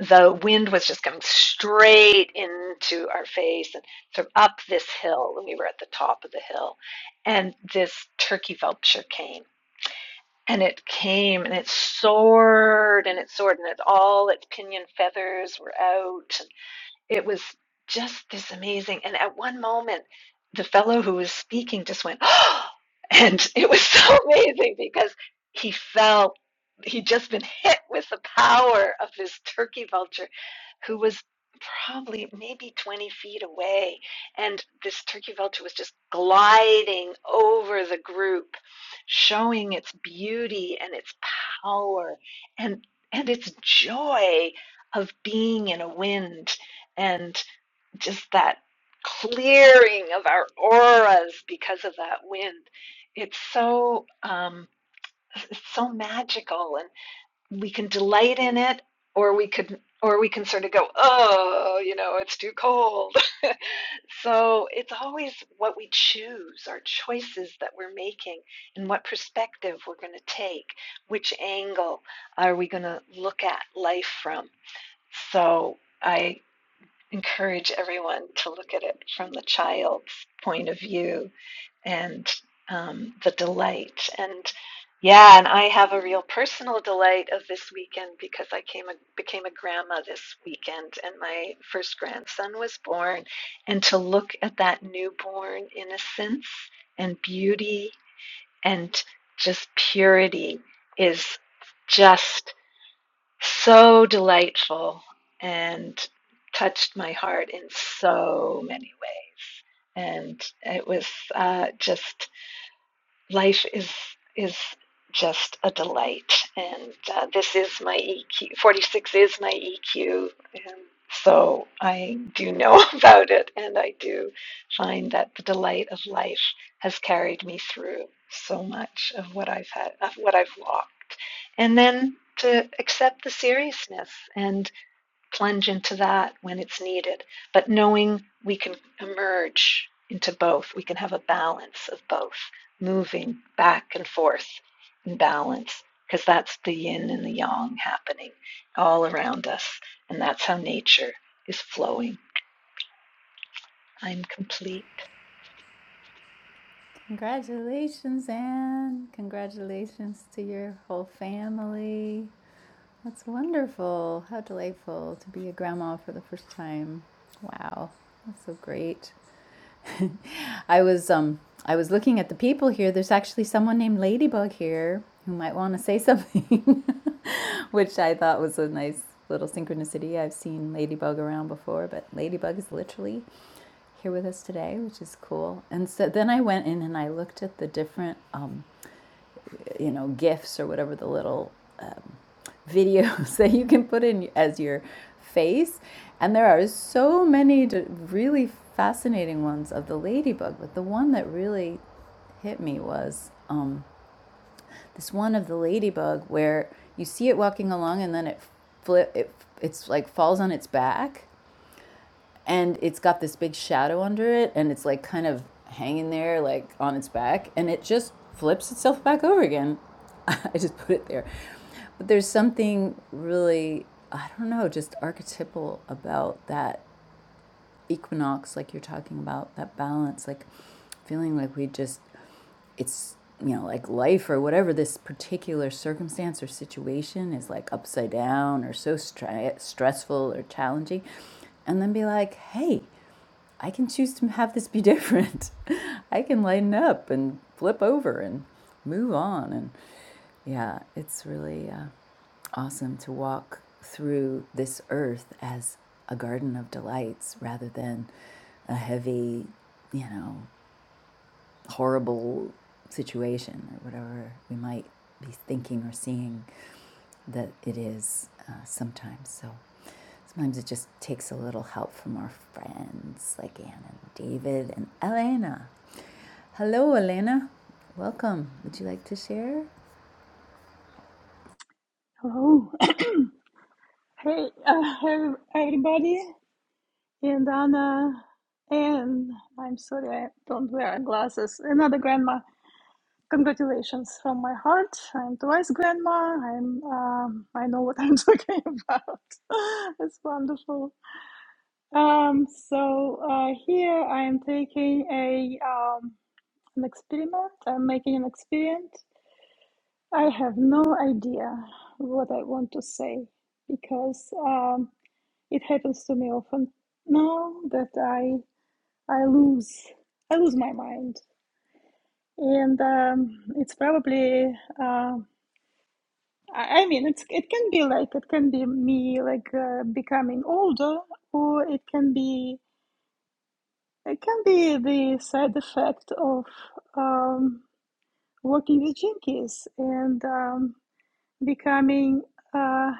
[SPEAKER 3] the wind was just coming straight into our face and sort of up this hill, and we were at the top of the hill. And this turkey vulture came and it came and it soared and it soared and it all its pinion feathers were out it was just this amazing. And at one moment, the fellow who was speaking just went, [gasps] oh, and it was so [laughs] amazing because he felt he'd just been hit with the power of this turkey vulture who was probably maybe 20 feet away. And this turkey vulture was just gliding over the group, showing its beauty and its power and, and its joy of being in a wind and just that clearing of our auras because of that wind. It's so um, it's so magical, and we can delight in it, or we could, or we can sort of go, oh, you know, it's too cold. [laughs] so it's always what we choose, our choices that we're making, and what perspective we're going to take, which angle are we going to look at life from. So I encourage everyone to look at it from the child's point of view and um, the delight. And yeah, and I have a real personal delight of this weekend because I came a, became a grandma this weekend, and my first grandson was born. And to look at that newborn innocence and beauty and just purity is just so delightful and touched my heart in so many ways. And it was uh, just life is is just a delight. And uh, this is my EQ. Forty six is my EQ. And so I do know [laughs] about it, and I do find that the delight of life has carried me through so much of what I've had, of what I've walked, and then to accept the seriousness and plunge into that when it's needed, but knowing we can emerge into both, we can have a balance of both, moving back and forth in balance, because that's the yin and the yang happening all around us, and that's how nature is flowing. I'm complete.
[SPEAKER 2] Congratulations, Anne. Congratulations to your whole family. That's wonderful. How delightful to be a grandma for the first time. Wow, that's so great. [laughs] I was um I was looking at the people here. There's actually someone named Ladybug here who might want to say something, [laughs] which I thought was a nice little synchronicity. I've seen Ladybug around before, but Ladybug is literally here with us today, which is cool. And so then I went in and I looked at the different um, you know, GIFs or whatever the little um, videos [laughs] that you can put in as your face. And there are so many really fascinating ones of the ladybug, but the one that really hit me was um, this one of the ladybug where you see it walking along and then it flip it it's like falls on its back and it's got this big shadow under it and it's like kind of hanging there like on its back and it just flips itself back over again [laughs] i just put it there but there's something really i don't know just archetypal about that equinox like you're talking about that balance like feeling like we just it's you know like life or whatever this particular circumstance or situation is like upside down or so stra- stressful or challenging and then be like hey I can choose to have this be different. [laughs] I can lighten up and flip over and move on. And yeah, it's really uh, awesome to walk through this earth as a garden of delights rather than a heavy, you know, horrible situation or whatever we might be thinking or seeing that it is uh, sometimes. So sometimes it just takes a little help from our friends like Anne and David and Elena. Hello, Elena. Welcome. Would you like to share?
[SPEAKER 4] Oh, [laughs] [coughs] hey, uh, ev- everybody, and Anna, and I'm sorry I don't wear glasses. Another grandma. Congratulations from my heart. I'm twice grandma. I'm. Um, I know what I'm [laughs] talking about. [laughs] it's wonderful. Um, so uh, here I am taking a um, an experiment. I'm making an experiment. I have no idea what I want to say because. Um, It happens to me often now that I I lose I lose my mind, and um, it's probably uh, I, I mean it's it can be like it can be me like uh, becoming older, or it can be it can be the side effect of um, working with jinkies and um, becoming uh,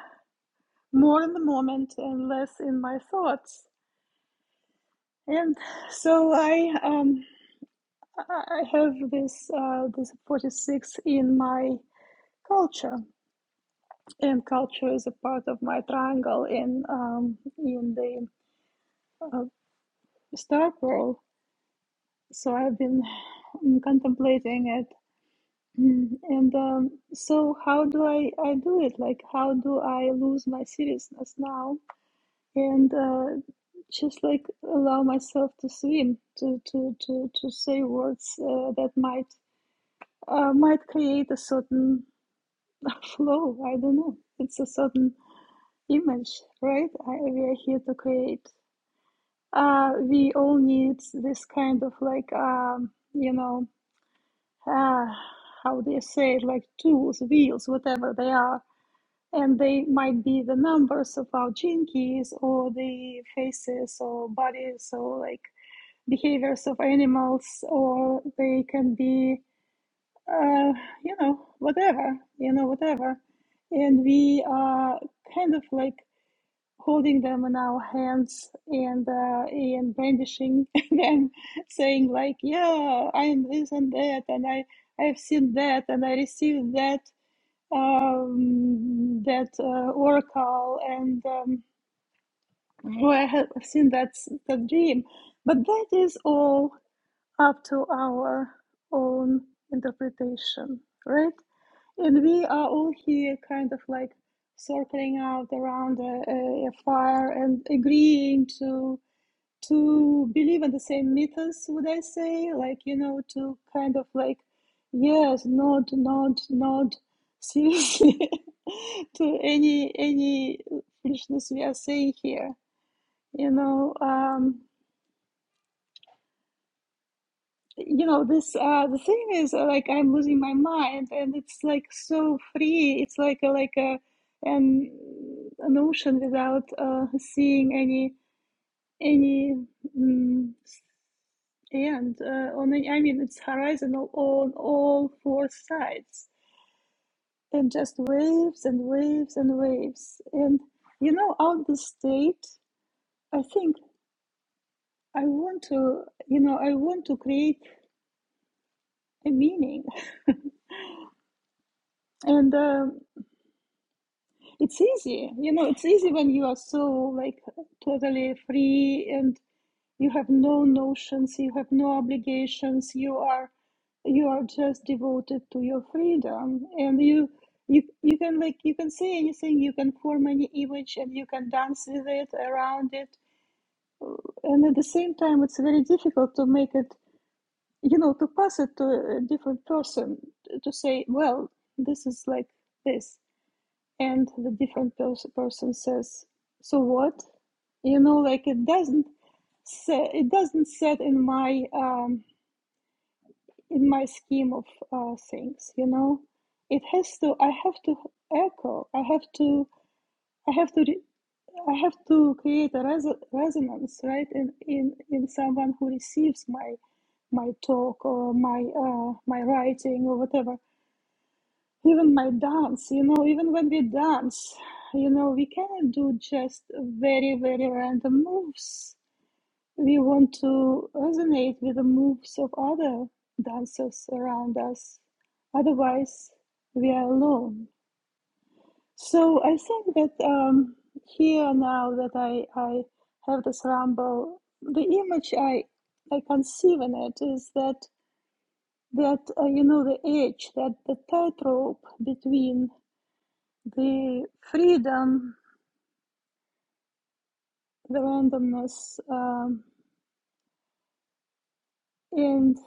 [SPEAKER 4] more in the moment and less in my thoughts. And so I um, I I have this uh, this 46 in my culture, and culture is a part of my triangle in um, in the uh, star pearl. So I've been mm, contemplating it, Mm, and um, so how do I I do it? Like how do I lose my seriousness now and uh, just like allow myself to swim to to to to say words uh, that might uh, might create a certain flow. I don't know. It's a certain image, right? I, we are here to create. Uh, we all need this kind of like, um, you know, uh, how do you say it? Like tools, wheels, whatever they are. And they might be the numbers of our gene keys or the faces or bodies or like behaviors of animals, or they can be, uh, you know, whatever, you know, whatever and we are kind of like holding them in our hands and uh, and brandishing [laughs] them, saying like, "Yeah, I am this and that, and I I have seen that, and I received that um, that uh, oracle, and um, oh, I have seen that s- that dream." But that is all up to our own interpretation, right? And we are all here kind of like circling out around a, a, fire and agreeing to to believe in the same mythos, would I say? Like, you know, to kind of like, yes, nod, nod, nod seriously [laughs] to any any foolishness we are saying here. You know, um, you know this uh the thing is uh, like i'm losing my mind and it's like so free it's like a like a an an ocean without uh seeing any any mm end uh, on any, i mean it's horizontal on all four sides and just waves and waves and waves and you know out the state i think i want to you know i want to create a meaning [laughs] and um, It's easy, you know, it's easy when you are so like totally free and you have no notions, you have no obligations, you are you are just devoted to your freedom and you you you can like you can say anything, you can form any image and you can dance with it around it. And at the same time it's very difficult to make it, you know, to pass it to a different person to say, well, this is like this and the different pers- person says so what you know like it doesn't say it doesn't set in my um in my scheme of uh, things you know it has to i have to echo i have to i have to re- i have to create a res- resonance right in, in in someone who receives my my talk or my uh, my writing or whatever even my dance you know even when we dance you know we cannot do just very very random moves we want to resonate with the moves of other dancers around us otherwise we are alone so i think that um, here now that i i have this rumble the image i i conceive in it is that that uh, you know the edge that the tightrope between the freedom, the randomness, um, and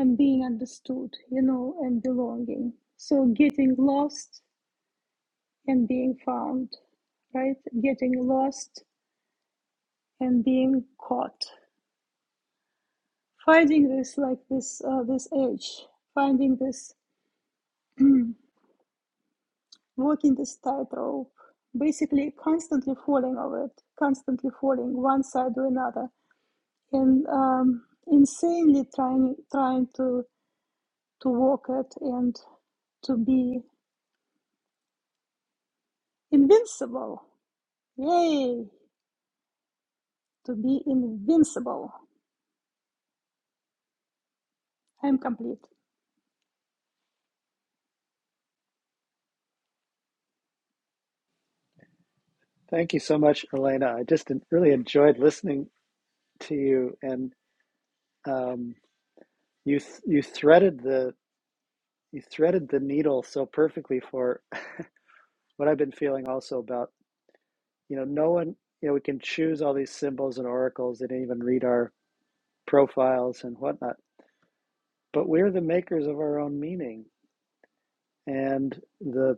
[SPEAKER 4] and being understood, you know, and belonging. So getting lost and being found, right? Getting lost and being caught. Finding this like this uh, this edge, finding this walking this tightrope, basically constantly falling over it, constantly falling one side to another, and um, insanely trying trying to to walk it and to be invincible. Yay! To be invincible. I'm complete.
[SPEAKER 1] Thank you so much, Elena. I just en- really enjoyed listening to you and. Um, you th- you threaded the you threaded the needle so perfectly for [laughs] what I've been feeling also about, you know, no one, you know, we can choose all these symbols and oracles and even read our profiles and whatnot, but we're the makers of our own meaning. And the,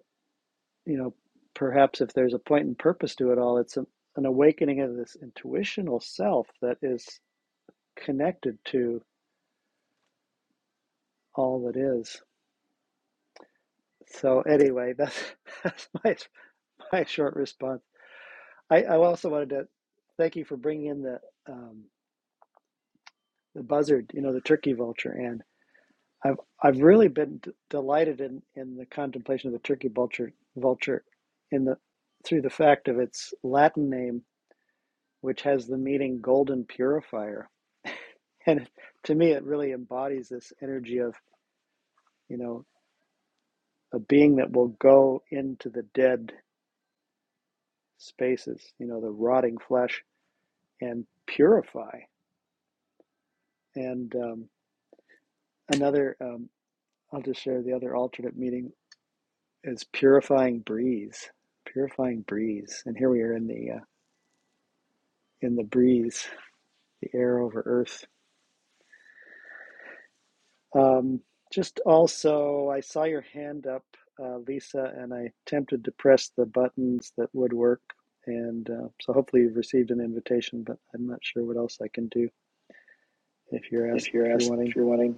[SPEAKER 1] you know, perhaps if there's a point and purpose to it all, it's a, an awakening of this intuitional self that is connected to all that is. So anyway, [laughs] that's, that's my, my short response. I, I also wanted to thank you for bringing in the, um, the buzzard, you know, the turkey vulture. And I've I've really been d- delighted in in the contemplation of the turkey vulture vulture, in the through the fact of its Latin name, which has the meaning golden purifier. [laughs] And to me, it really embodies this energy of you know a being that will go into the dead spaces, you know, the rotting flesh, and purify. And um, another, um, I'll just share the other alternate meaning is purifying breeze, purifying breeze. And here we are in the uh, in the breeze, the air over Earth. Um, just also, I saw your hand up, uh, Lisa, and I attempted to press the buttons that would work. And uh, so, hopefully, you've received an invitation, but I'm not sure what else I can do if you're asked
[SPEAKER 2] If you're
[SPEAKER 1] if you're
[SPEAKER 2] asked, if
[SPEAKER 1] wanting.
[SPEAKER 2] you're wanting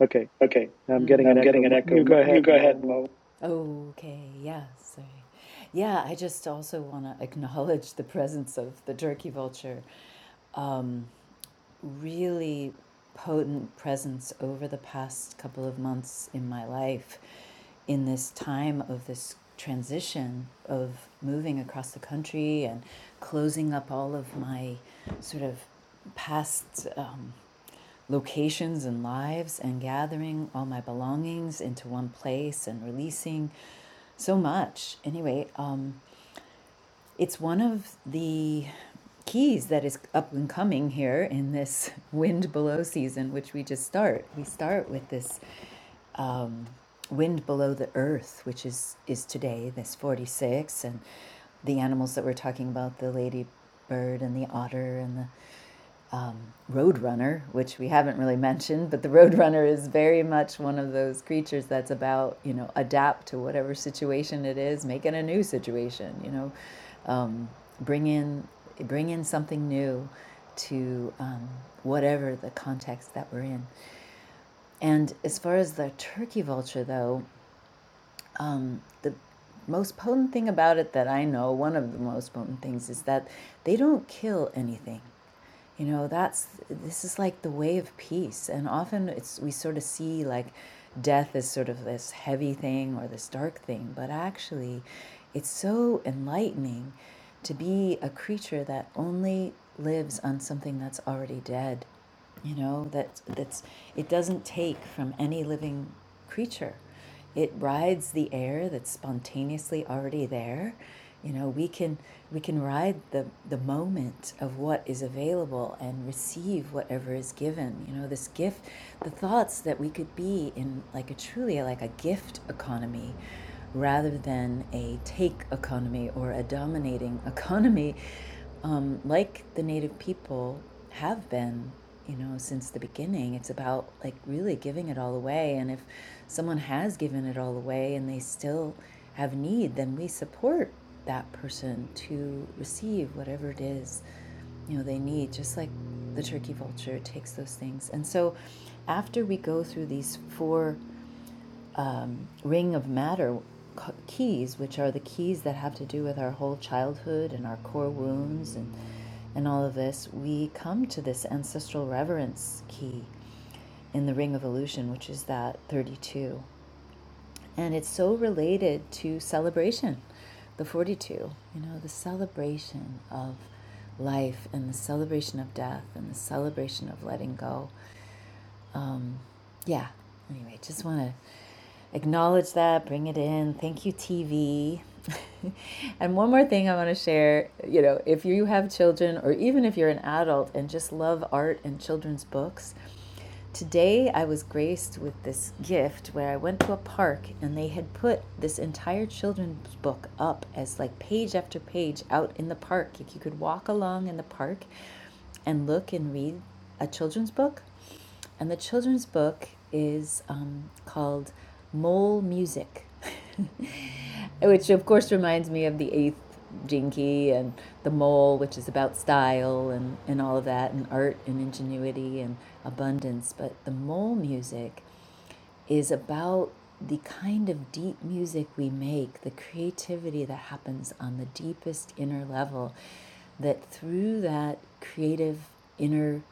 [SPEAKER 1] Okay,
[SPEAKER 2] Okay,
[SPEAKER 1] I'm
[SPEAKER 2] Mm.
[SPEAKER 1] getting an
[SPEAKER 2] I'm getting
[SPEAKER 1] echo.
[SPEAKER 2] an echo.
[SPEAKER 1] You go
[SPEAKER 2] You
[SPEAKER 1] ahead,
[SPEAKER 2] go ahead,
[SPEAKER 1] Momo.
[SPEAKER 2] Mo. Okay, yeah, sorry. Yeah, I just also want to acknowledge the presence of the turkey vulture. Um, really potent presence over the past couple of months in my life in this time of this transition of moving across the country and closing up all of my sort of past um, locations and lives and gathering all my belongings into one place and releasing so much. Anyway, um, it's one of the keys that is up and coming here in this [laughs] wind below season, which we just start. We start with this um, wind below the earth, which is is today, this forty six, and the animals that we're talking about, the ladybird and the otter and the Roadrunner, which we haven't really mentioned, but the Roadrunner is very much one of those creatures that's about, you know, adapt to whatever situation it is, make it a new situation, you know, um, bring in bring in something new to um, whatever the context that we're in. And as far as the turkey vulture, though, um, the most potent thing about it that I know, one of the most potent things, is that they don't kill anything you know that's this is like the way of peace and often it's we sort of see like death as sort of this heavy thing or this dark thing but actually it's so enlightening to be a creature that only lives on something that's already dead you know that that's it doesn't take from any living creature it rides the air that's spontaneously already there you know we can we can ride the the moment of what is available and receive whatever is given you know this gift the thoughts that we could be in like a truly like a gift economy rather than a take economy or a dominating [laughs] economy um, like the native people have been you know, since the beginning. It's about like really giving it all away. And if someone has given it all away and they still have need, then we support that person to receive whatever it is, you know, they need, just like the turkey vulture takes those things. And so after we go through these four ring of matter keys, which are the keys that have to do with our whole childhood and our core wounds and, and all of this, we come to this ancestral reverence key in the ring of illusion, which is that 32. And it's so related to celebration, the 42, you know, the celebration of life and the celebration of death and the celebration of letting go yeah. Anyway, just want to acknowledge that, bring it in. Thank you, TV. [laughs] and one more thing I want to share you know, if you have children or even if you're an adult and just love art and children's books, today I was graced with this gift where I went to a park and they had put this entire children's book up as like page after page out in the park. If you could walk along in the park and look and read a children's book. And the children's book is um, called Mole Music, [laughs] which of course reminds me of the eighth Jinky and the mole, which is about style and, and all of that, and art and ingenuity and abundance. But the mole music is about the kind of deep music we make, the creativity that happens on the deepest inner level, that through that creative inner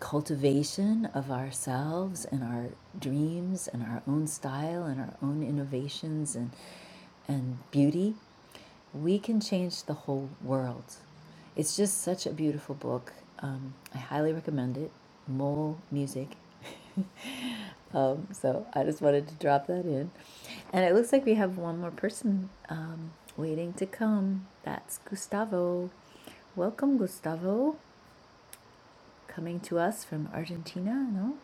[SPEAKER 2] cultivation of ourselves and our dreams and our own style and our own innovations and and beauty, we can change the whole world. It's just such a beautiful book. Um, I highly recommend it. Mole Music. [laughs] um, so I just wanted to drop that in. And it looks like we have one more person um, waiting to come. That's Gustavo. Welcome, Gustavo coming to us from Argentina, no?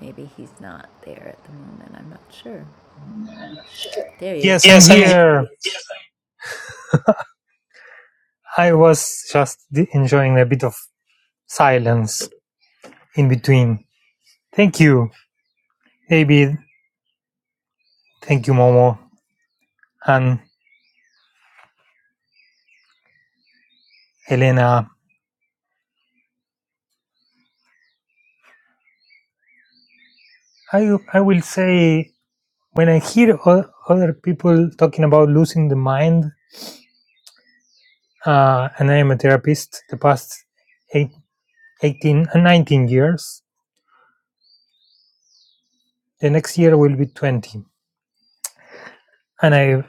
[SPEAKER 2] Maybe he's not there at the moment. I'm not sure. There he is.
[SPEAKER 5] Yes, I'm
[SPEAKER 2] Yes, I'm here.
[SPEAKER 5] here. I was just d- enjoying a bit of silence in between. Thank you, Abby. Thank you, Momo and Elena. I I will say when I hear o- other people talking about losing the mind, uh, and I am a therapist the past eight, 18 and 19 years. The next year will be 20, and I've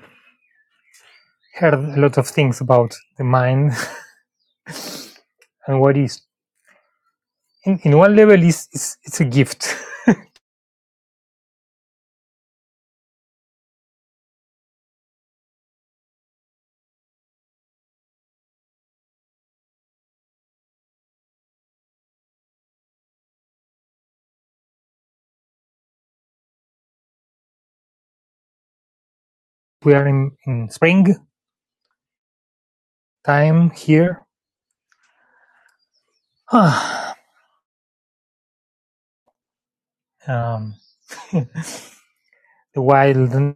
[SPEAKER 5] heard a lot of things about the mind [laughs] and what is. In, in one level, is it's, it's a gift. [laughs] we are in, in spring time here. [sighs] um, while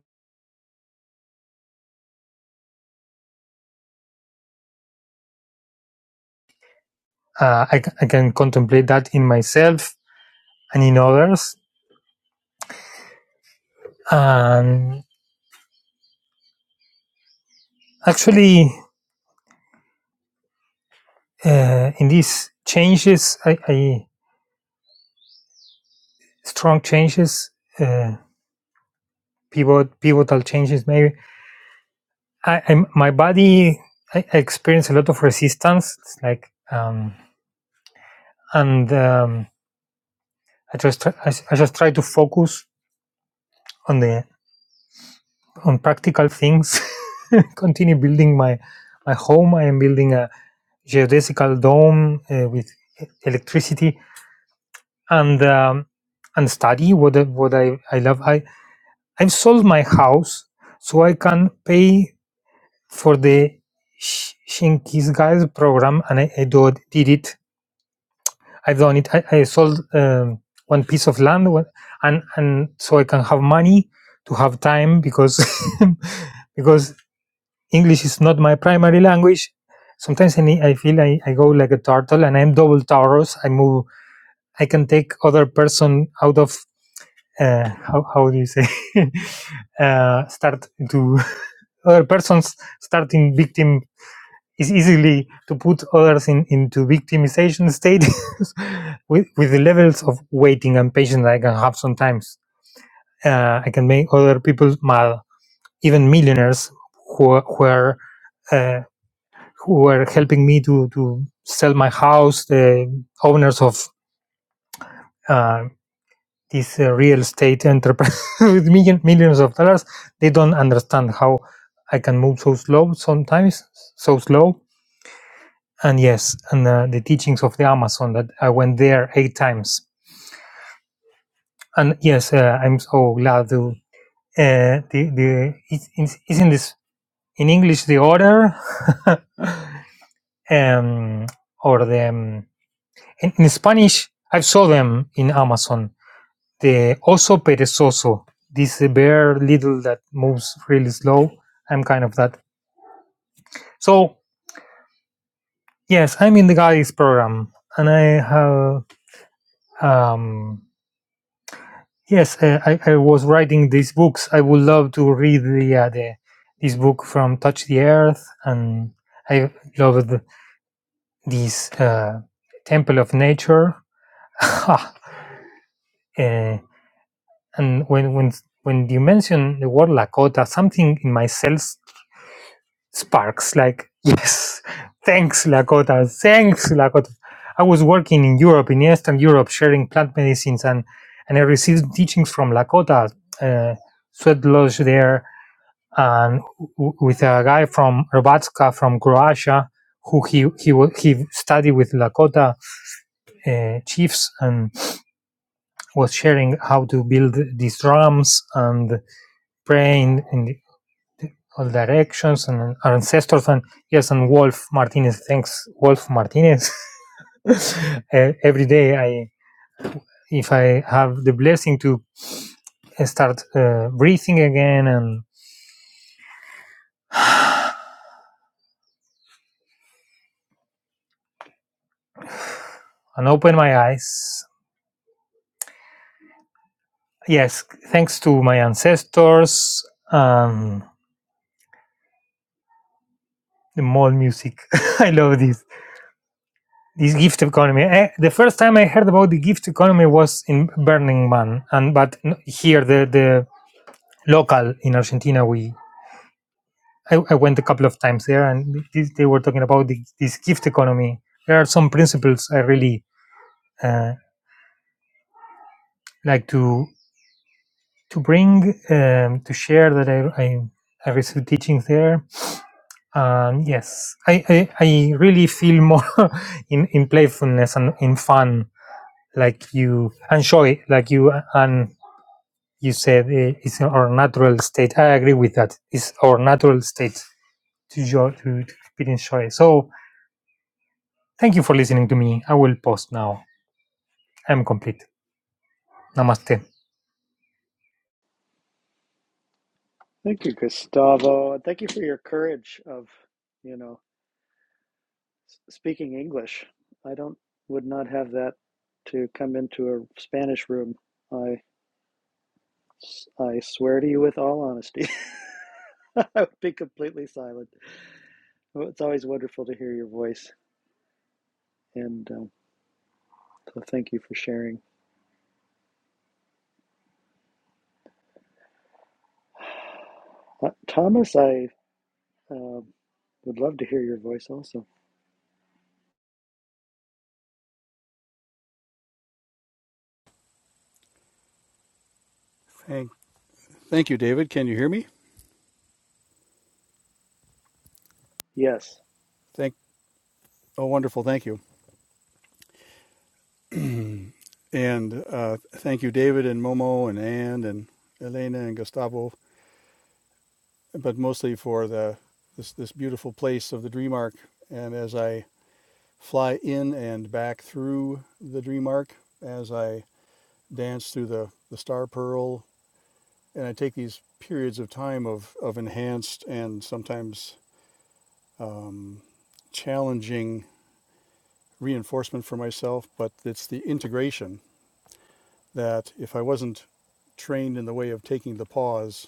[SPEAKER 5] uh, I, c- I can contemplate that in myself and in others. And actually, uh, in these changes, I, I strong changes, uh, pivot, pivotal changes, maybe. I, I my body, I, I experience a lot of resistance. It's like, um, and um, I just try, I, s- I just try to focus on the on practical things [laughs] continue building my my home. I am building a geodesical dome uh, with e- electricity and um, and study what I- what I I love. I I've sold my house so I can pay for the Sh- Shinkies guys program, and I, I do, did it. I've done it. I, I sold um, one piece of land, one- and and so I can have money to have time because. [laughs] because English is not my primary language. Sometimes I, need, I feel I, I go like a turtle and I'm double Taurus. I move, I can take other person out of, uh, how, how do you say, [laughs] uh, start to, [laughs] other persons starting victim is easily to put others in, into victimization state [laughs] with, with the levels of waiting and patience I can have sometimes. Uh, I can make other people mad, even millionaires who, who are Uh, who were helping me to to sell my house, the owners of uh, this uh, real estate enterprise [laughs] with million, millions of dollars, they don't understand how I can move so slow sometimes, so slow. And yes, and uh, the teachings of the Amazon that I went there eight times. And yes, uh, I'm so glad to. Uh, the the it's, it's in this in English the order, [laughs] um, or the um, in, in Spanish I saw them in Amazon the oso perezoso, this bear little that moves really slow. I'm kind of that. So yes, I'm in the guidance program, and I have um, yes, uh, I, I was writing these books. I would love to read the, uh, the this book from Touch the Earth, and I loved this uh, Temple of Nature. [laughs] Eh, and when when when you mention the word Lakota, something in my cells Sparks, like, [laughs] yes, thanks, Lakota, thanks, Lakota. I was working in Europe, in Eastern Europe, sharing plant medicines, and, and I received teachings from Lakota, uh, sweat lodge there, and w- with a guy from Robatska, from Croatia, who he he wa- he studied with Lakota uh, chiefs and was sharing how to build these drums and praying in all directions and our ancestors and yes and wolf martinez thanks wolf martinez [laughs] every day i if i have the blessing to start uh, breathing again and and open my eyes yes thanks to my ancestors and the mall music [laughs] i love this this gift economy Eh, the first time i heard about the gift economy was in burning man and but here the the local in argentina we I, I went a couple of times there, and this, they were talking about the, this gift economy. There are some principles I really uh, like to to bring um, to share that I, I I received teachings there. Um, yes, I, I I really feel more [laughs] in in playfulness and in fun, like you enjoy, like you and you said eh, it's our natural state. I agree with that. It's our natural state to joy to, to experience joy. So Thank you for listening to me. I will pause now. I'm complete. Namaste.
[SPEAKER 1] Thank you, Gustavo, and thank you for your courage of, you know, speaking English. I don't would not have that to come into a Spanish room. I I swear to you with all honesty, [laughs] I would be completely silent. Well, It's always wonderful to hear your voice, and um, so thank you for sharing. Uh, Thomas, I uh, would love to hear your voice also.
[SPEAKER 6] Hey, thank you, David. Can you hear me?
[SPEAKER 1] Yes.
[SPEAKER 6] Thank. Oh, wonderful. Thank you. [clears throat] and uh, thank you, David and Momo and Anne and Elena and Gustavo, but mostly for the this this beautiful place of the Dream Arc. And as I fly in and back through the Dream Arc, as I dance through the the Star Pearl, and I take these periods of time of of enhanced and sometimes um, challenging reinforcement for myself, but it's the integration that if I wasn't trained in the way of taking the pause,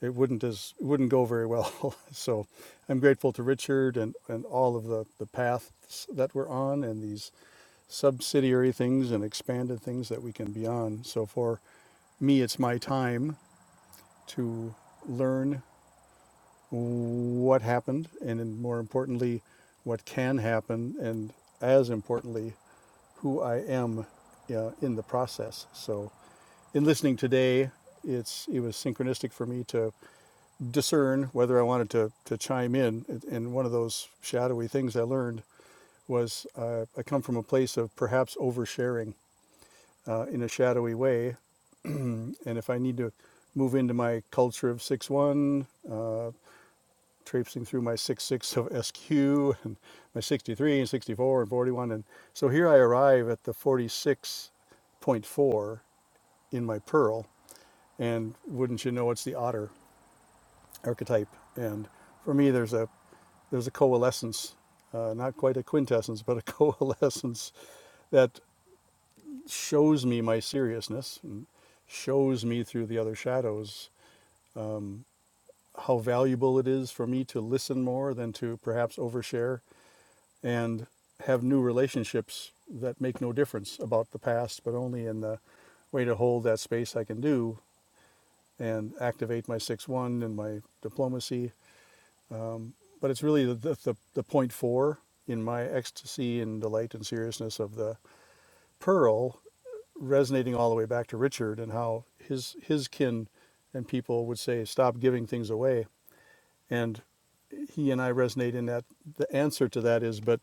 [SPEAKER 6] it wouldn't as it wouldn't go very well. [laughs] so I'm grateful to Richard and, and all of the, the paths that we're on and these subsidiary things and expanded things that we can be on. So for me it's my time to learn what happened and then more importantly what can happen and as importantly who I am uh, in the process. So in listening today, it's it was synchronistic for me to discern whether I wanted to to chime in. And one of those shadowy things I learned was uh, I come from a place of perhaps oversharing uh, in a shadowy way, and if I need to move into my culture of six one, uh, traipsing through my six six of SQ and my 63 and 64 and 41, and so here I arrive at the 46 point four in my pearl and wouldn't you know it's the otter archetype. And for me, there's a there's a coalescence, uh, not quite a quintessence, but a [laughs] coalescence that shows me my seriousness, and shows me through the other shadows um, how valuable it is for me to listen more than to perhaps overshare and have new relationships that make no difference about the past, but only in the way to hold that space I can do and activate my 6 1 and my diplomacy Um, but it's really the, the, the, the point four in my ecstasy and delight and seriousness of the pearl resonating all the way back to Richard and how his his kin and people would say stop giving things away and he and I resonate in that the answer to that is but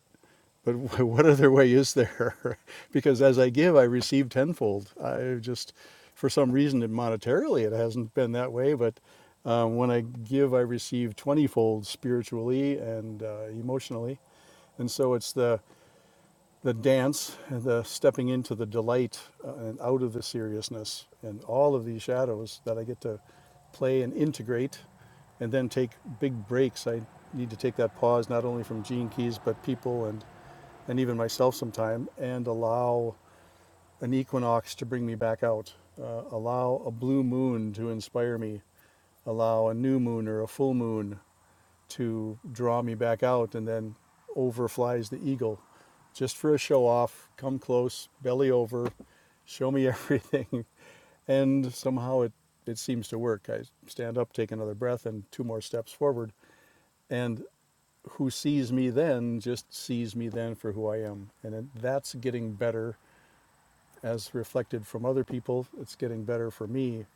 [SPEAKER 6] but [laughs] what other way is there? [laughs] because as I give, I receive tenfold. I just, for some reason, it monetarily, it hasn't been that way. But um, when I give, I receive twentyfold spiritually and uh, emotionally. And so it's the the dance, the stepping into the delight uh, and out of the seriousness, and all of these shadows that I get to play and integrate, and then take big breaks. I need to take that pause not only from Gene Keys but people and and even myself sometime and allow an equinox to bring me back out, uh, allow a blue moon to inspire me, allow a new moon or a full moon to draw me back out, and then over flies the eagle just for a show off, come close, belly over, show me everything. [laughs] And somehow it, it seems to work. I stand up, take another breath, and two more steps forward. And who sees me then just sees me then for who I am. And it, that's getting better as reflected from other people. It's getting better for me.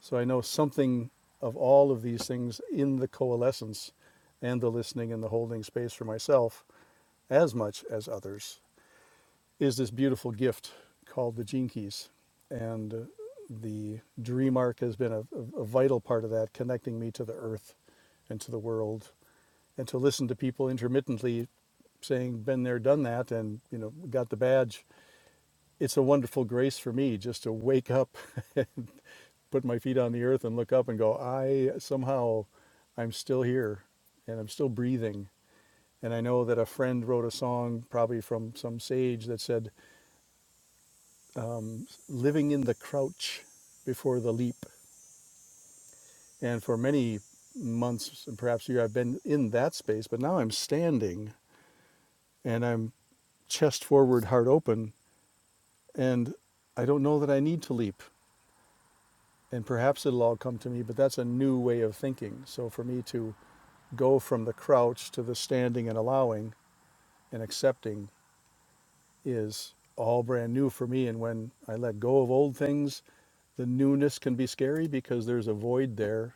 [SPEAKER 6] So I know something of all of these things in the coalescence and the listening and the holding space for myself as much as others is this beautiful gift called the Gene Keys. And uh, the dream arc has been a, a a vital part of that, connecting me to the earth and to the world and to listen to people intermittently saying been there done that and you know got the badge it's a wonderful grace for me just to wake up [laughs] put my feet on the earth and look up and go i somehow i'm still here and i'm still breathing and i know that a friend wrote a song probably from some sage that said um, living in the crouch before the leap and for many months and perhaps a year i've been in that space but now i'm standing and i'm chest forward heart open And I don't know that I need to leap. And perhaps it'll all come to me, but that's a new way of thinking. So for me to go from the crouch to the standing and allowing and accepting is all brand new for me. And when I let go of old things, the newness can be scary because there's a void there.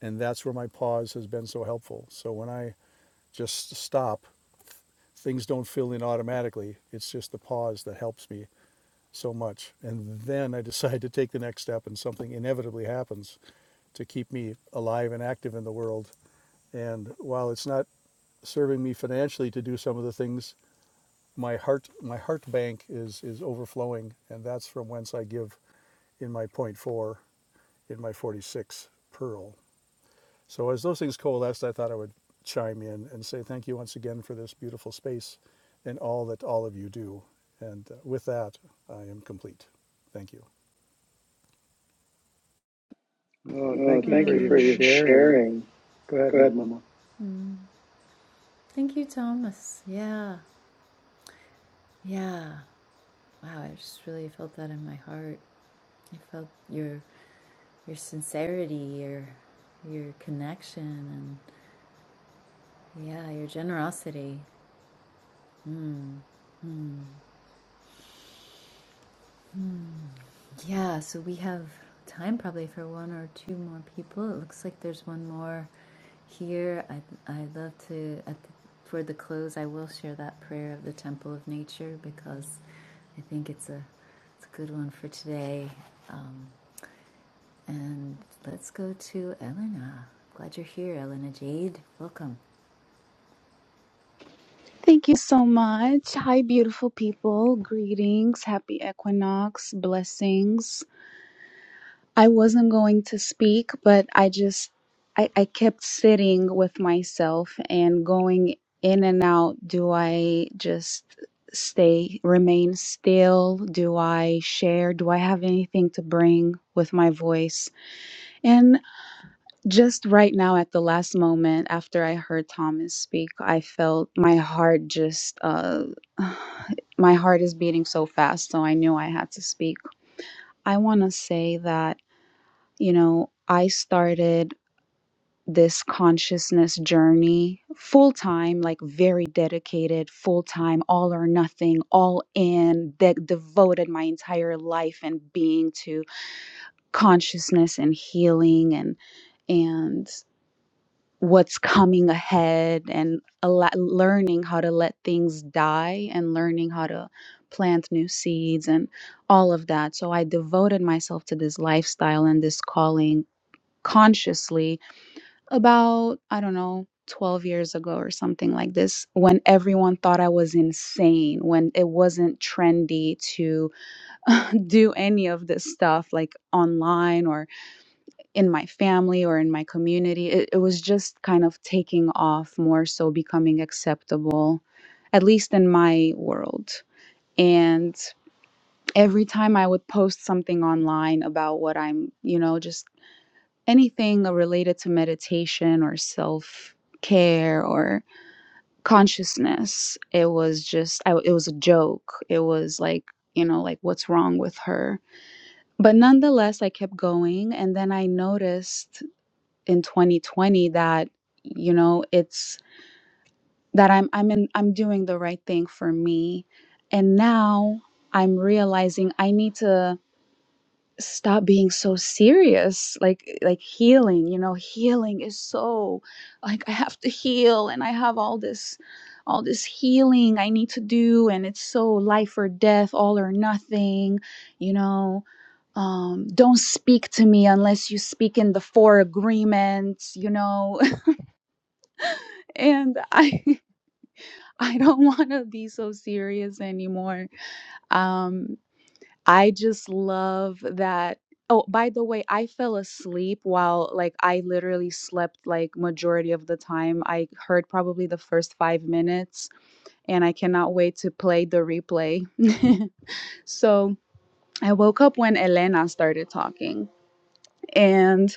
[SPEAKER 6] And that's where my pause has been so helpful. So when I just stop, things don't fill in automatically. It's just the pause that helps me so much. And then I [laughs] decide to take the next step and something inevitably happens. to keep me alive and active in the world. And while it's not serving me financially to do some of the things, my heart my heart bank is is overflowing, and that's from whence I give in my point four in my forty six pearl. So as those things coalesced, I thought I would chime in and say thank you once again for this beautiful space and all that all of you do. And uh, with that, I am complete. Thank you.
[SPEAKER 1] Oh,
[SPEAKER 2] Oh,
[SPEAKER 1] thank you
[SPEAKER 2] thank mm.
[SPEAKER 1] for
[SPEAKER 2] you
[SPEAKER 1] your
[SPEAKER 2] for your Mm.
[SPEAKER 1] sharing.
[SPEAKER 2] sharing.
[SPEAKER 1] Go ahead,
[SPEAKER 2] Go ahead,
[SPEAKER 1] Momo.
[SPEAKER 2] Mama. Thank you, Thomas. Yeah. Yeah. Wow, I just really felt that in my heart. I felt your your sincerity, your your connection and yeah, your generosity. Yeah, so we have time probably for one or two more people. It looks like there's one more here. I I love to at the, for the close. I will share that prayer of the temple of nature because I think it's a it's a good one for today. Um, and let's go to Elena. Glad you're here, Elena Jade. Welcome.
[SPEAKER 7] Thank you so much. Hi, beautiful people. Greetings. Happy equinox. Blessings. I wasn't going to speak, but I just, I, I kept sitting with myself and going in and out. Do I just stay, remain still? Do I share? Do I have anything to bring with my voice? And just right now at the last moment after I heard Thomas speak, I felt my heart just, uh, [sighs] my heart is beating so fast, so I knew I had to speak. I want to say that, you know, I started this consciousness journey full time, like very dedicated, full time, all or nothing, all in, that devoted my entire life and being to consciousness and healing and and what's coming ahead and a lot, learning how to let things die and learning how to plant new seeds and all of that. So I devoted myself to this lifestyle and this calling consciously about, I don't know, 12 years ago or something like this when everyone thought I was insane, when it wasn't trendy to [laughs] do any of this stuff like online or in my family or in my community. It, it was just kind of taking off more so becoming acceptable, at least in my world. And every time I would post something online about what I'm, you know, just anything related to meditation or self care or consciousness, it was just, I, it was a joke. It was like, you know, like what's wrong with her? But nonetheless, I kept going. And then I noticed in 2020 that you know it's that i'm i'm in, i'm doing the right thing for me and now i'm realizing i need to stop being so serious like like healing you know healing is so like i have to heal and i have all this all this healing i need to do and it's so life or death all or nothing you know um, don't speak to me unless you speak in the four agreements you know and I [laughs] I don't want to be so serious anymore. Um I just love that Oh, by the way, I fell asleep while like I literally slept like majority of the time. I heard probably the first 5 minutes and I cannot wait to play the replay. [laughs] so, I woke up when Elena started talking and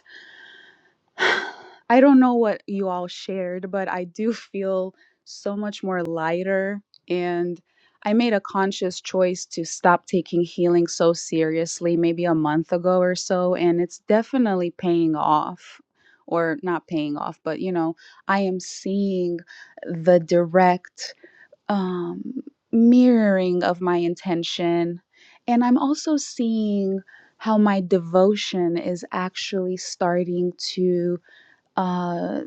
[SPEAKER 7] [sighs] I don't know what you all shared, but I do feel so much more lighter. And I made a conscious choice to stop taking healing so seriously maybe a month ago or so. And it's definitely paying off, or not paying off, but you know, I am seeing the direct um, mirroring of my intention. And I'm also seeing how my devotion is actually starting to uh,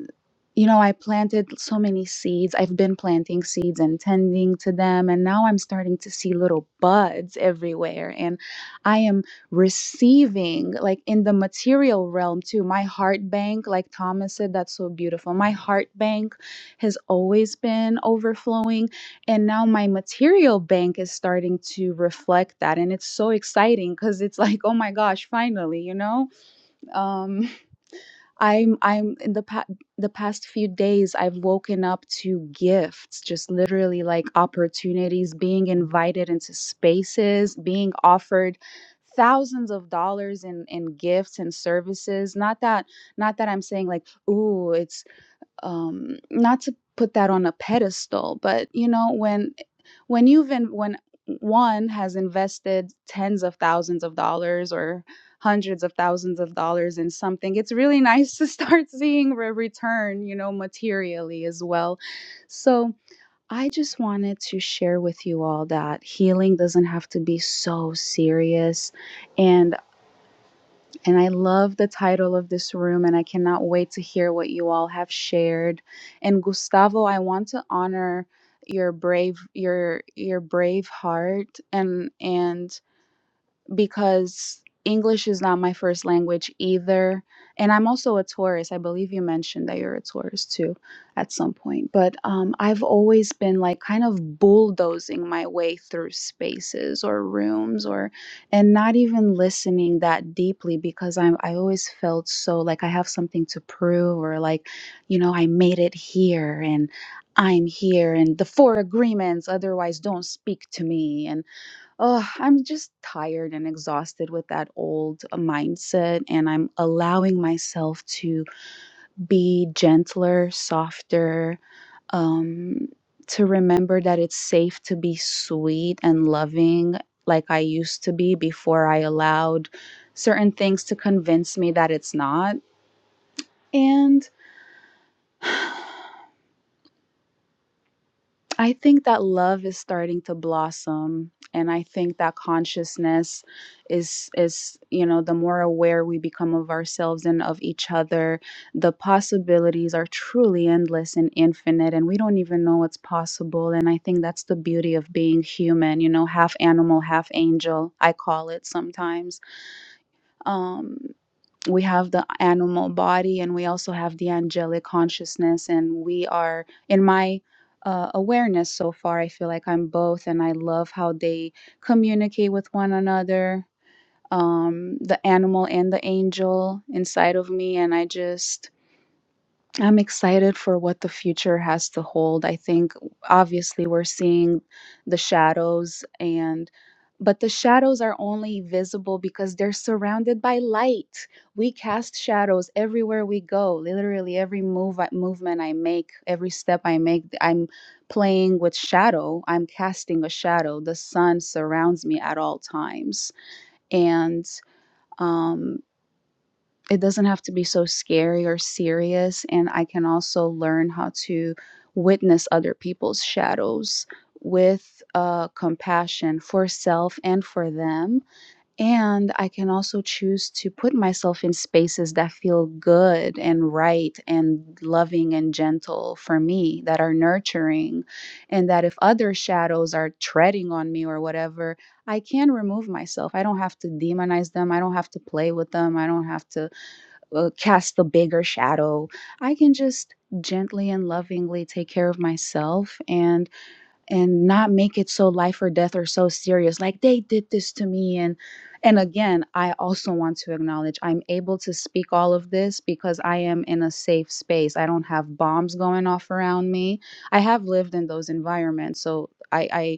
[SPEAKER 7] you know, I planted so many seeds. I've been planting seeds and tending to them, and now I'm starting to see little buds everywhere. And I am receiving, like in the material realm too, my heart bank, like Thomas said, that's so beautiful. My heart bank has always been overflowing, and now my material bank is starting to reflect that. And it's so exciting because it's like, oh my gosh, finally, you know? Um, [laughs] I'm I'm in the past the past few days I've woken up to gifts, just literally like opportunities, being invited into spaces, being offered thousands of dollars in in gifts and services. Not that not that I'm saying like, ooh, it's um not to put that on a pedestal, but you know, when when you've in, when one has invested tens of thousands of dollars or hundreds of thousands of dollars in something it's really [laughs] nice to start [laughs] seeing a return you know materially as well so i just wanted to share with you all that healing doesn't have to be so serious and and I love the title of this room, and I cannot wait to hear what you all have shared. And Gustavo, I want to honor your brave your your brave heart and and because English is not my first language either. And I'm also a Taurus. I believe you mentioned that you're a Taurus too at some point. But um, I've always been like kind of bulldozing my way through spaces or rooms or, and not even listening that deeply because I'm, I always felt so like I have something to prove or like, you know, I made it here and I'm here and the four agreements, otherwise don't speak to me. And Oh, I'm just tired and exhausted with that old uh, mindset, and I'm allowing myself to be gentler, softer, um, to remember that it's safe to be sweet and loving like I used to be before I allowed certain things to convince me that it's not. And [sighs] I think that love is starting to blossom and I think that consciousness is is you know the more aware we become of ourselves and of each other the possibilities are truly endless and infinite and we don't even know what's possible and I think that's the beauty of being human you know half animal half angel I call it sometimes Um we have the animal body and we also have the angelic consciousness and we are in my uh, awareness so far i feel like i'm both and i love how they communicate with one another um, the animal and the angel inside of me and i just I'm excited for what the future has to hold. I think obviously we're seeing the shadows and but the shadows are only visible because they're surrounded by light. We cast shadows everywhere we go. Literally every move I, movement I make, every step I make, I'm playing with shadow. I'm casting a shadow. The sun surrounds me at all times. And um, it doesn't have to be so scary or serious and i can also learn how to witness other people's shadows with uh, compassion for self and for them and i can also choose to put myself in spaces that feel good and right and loving and gentle for me that are nurturing and that if other shadows are treading on me or whatever i can remove myself i don't have to demonize them i don't have to play with them i don't have to uh, cast the bigger shadow i can just gently and lovingly take care of myself and and not make it so life or death or so serious like they did this to me and and again i also want to acknowledge i'm able to speak all of this because i am in a safe space i don't have bombs going off around me i have lived in those environments so i I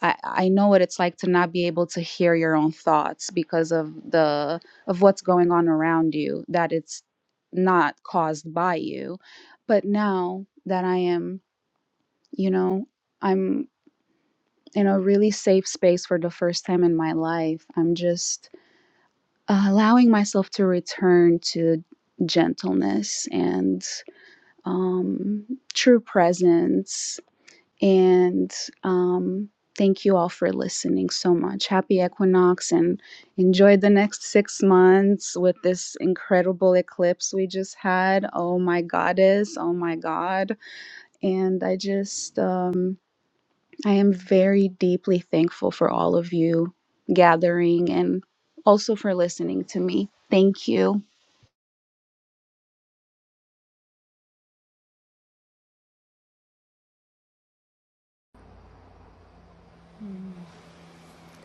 [SPEAKER 7] I, I know what it's like to not be able to hear your own thoughts because of the of what's going on around you that it's not caused by you but now that i am you know i'm in a really safe space for the first time in my life i'm just uh, allowing myself to return to gentleness and um, true presence And um, thank you all for listening so much. Happy equinox and enjoy the next six months with this incredible eclipse we just had. Oh my goddess. Oh my God. And I just, um, I am very deeply thankful for all of you gathering and also for listening to me. Thank you.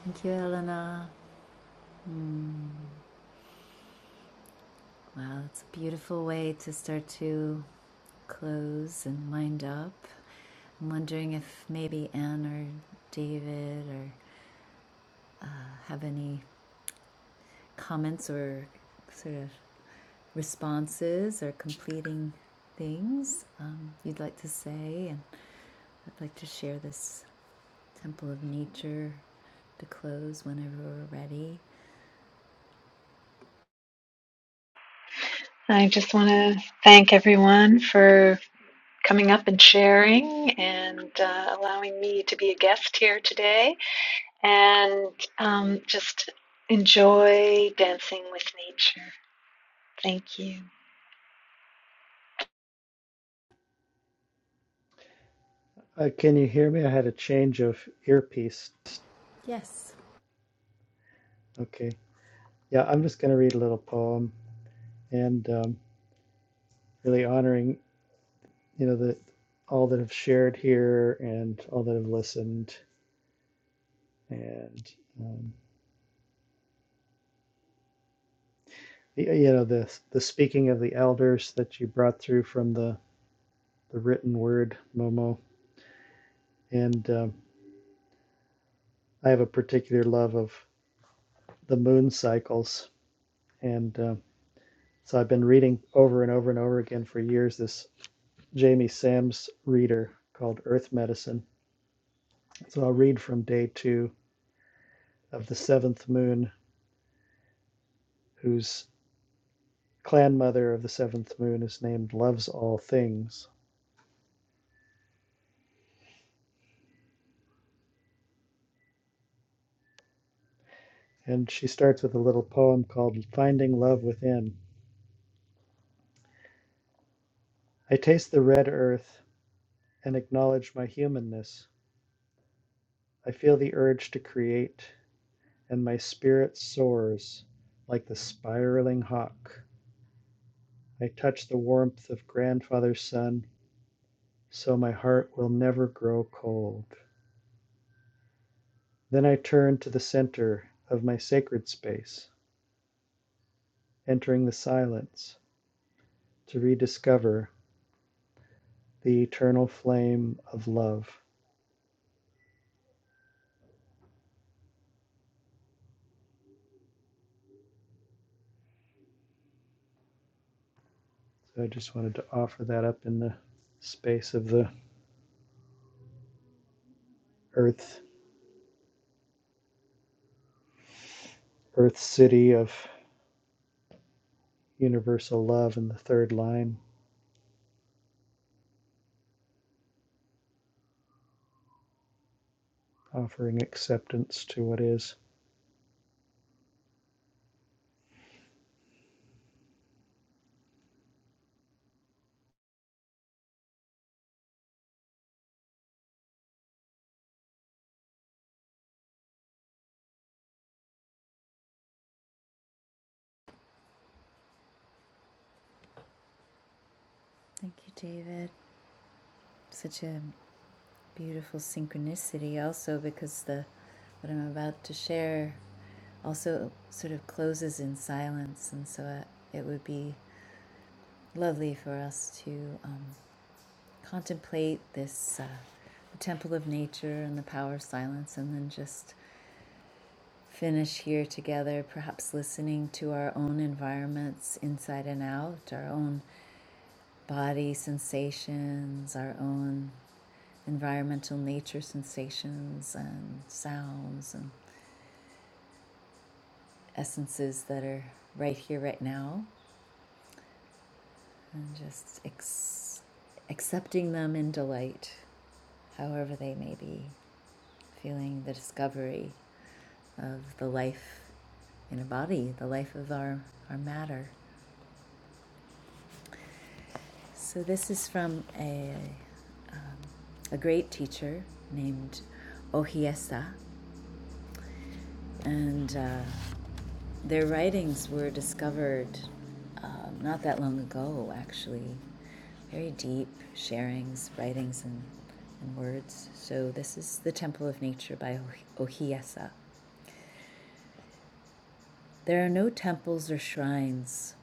[SPEAKER 2] Thank you, Elena. Mm. Wow, it's a beautiful way to start to close and wind up. I'm wondering if maybe Anne or David or uh, have any comments or sort of responses or completing things um, you'd like to say. And I'd like to share this temple of nature to close whenever we're ready.
[SPEAKER 3] I just want to thank everyone for coming up and sharing and uh, allowing me to be a guest here today. and um, just enjoy dancing with nature. Thank you.
[SPEAKER 1] Uh, can you hear me? I had a change of earpiece.
[SPEAKER 2] Yes,
[SPEAKER 1] Okay. Yeah, I'm just going to read a little poem. And um, really honoring you know the all that have shared here and all that have listened and um, you know the the speaking of the elders that you brought through from the the written word momo and um, i have a particular love of the moon cycles and um so i've been reading over and over and over again for years this jamie sam's reader called earth medicine so i'll read from day two of the seventh moon whose clan mother of the seventh moon is named Loves All Things, and she starts with a little poem called Finding Love Within. I taste the red earth and acknowledge my humanness. I feel the urge to create, and my spirit soars like the spiraling hawk. I touch the warmth of grandfather's sun, so my heart will never grow cold. Then I turn to the center of my sacred space, entering the silence, to rediscover. the eternal flame of love. So I just wanted to offer that up in the space of the earth, earth city of universal love in the third line, offering acceptance to what is.
[SPEAKER 2] thank you, David. Such a beautiful synchronicity also because the what I'm about to share also sort of closes in silence, and so uh, it would be lovely for us to um, contemplate this uh, the temple of nature and the power of silence, and then just finish here together, perhaps listening to our own environments inside and out, our own body sensations, our own environmental nature sensations and sounds and essences that are right here, right now, and just ex- accepting them in delight, however they may be. Feeling the discovery of the life in a body, the life of our, our matter. So, this is from a, a great teacher named Ohiesa, and uh, Their writings were discovered um, not that long ago, actually. Very deep sharings, writings, and, and words. So, this is The Temple of Nature by Oh- Ohiesa. There are no temples or shrines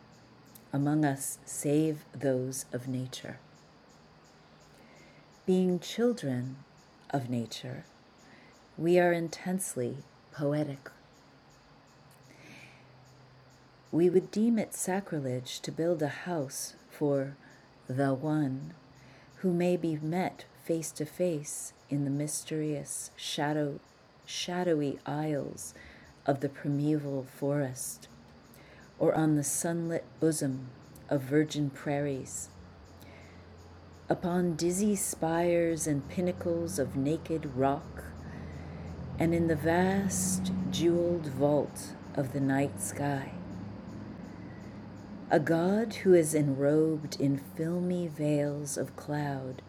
[SPEAKER 2] among us save those of nature. Being children of nature, we are intensely poetic We would deem it sacrilege to build a house for the One who may be met face to face in the mysterious shadow, shadowy aisles of the primeval forest or on the sunlit bosom of virgin prairies, upon dizzy spires and pinnacles of naked rock, and in the vast jeweled vault of the night sky. A god who is enrobed in filmy veils of cloud,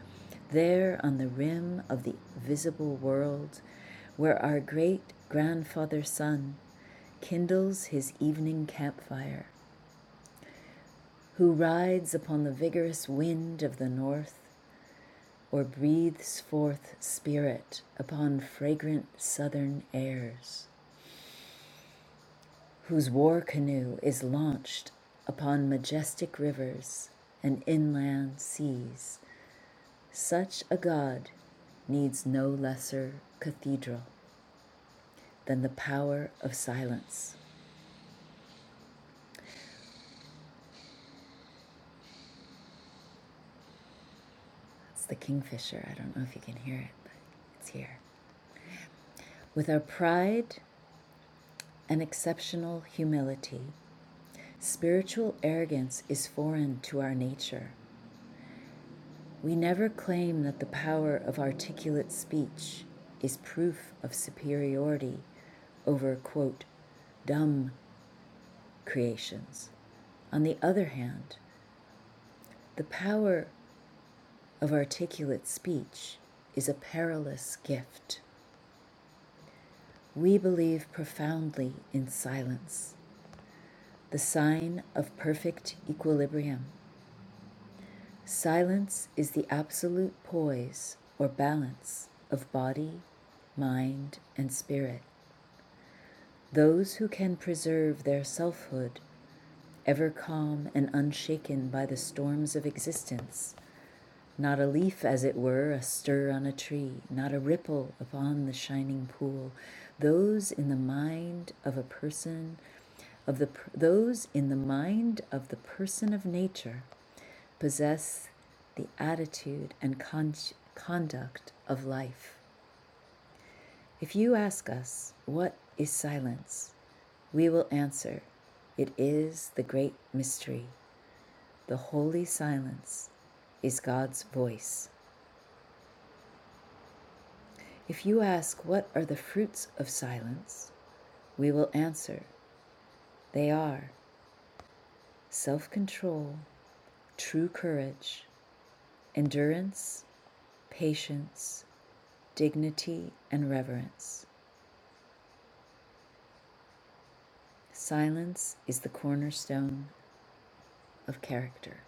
[SPEAKER 2] there on the rim of the visible world, where our great grandfather sun kindles his evening campfire, who rides upon the vigorous wind of the north or breathes forth spirit upon fragrant southern airs, whose war canoe is launched upon majestic rivers and inland seas. Such a God needs no lesser cathedral than the power of silence. It's the kingfisher. I don't know if you can hear it, but it's here. With our pride and exceptional humility, spiritual arrogance is foreign to our nature. We never claim that the power of articulate speech is proof of superiority over, quote, dumb creations. On the other hand, the power of articulate speech is a perilous gift. We believe profoundly in silence, the sign of perfect equilibrium. Silence is the absolute poise or balance of body, mind, and spirit. Those who can preserve their selfhood, ever calm and unshaken by the storms of existence, Not a leaf, as it were, astir on a tree, not a ripple upon the shining pool. Those in the mind of a person, of the those in the mind of the person of nature, possess the attitude and con- conduct of life. If you ask us what is silence, we will answer, it is the great mystery. The holy silence is God's voice. If you ask, What are the fruits of silence? we will answer, They are self control, true courage, endurance, patience, dignity, and reverence. Silence is the cornerstone of character.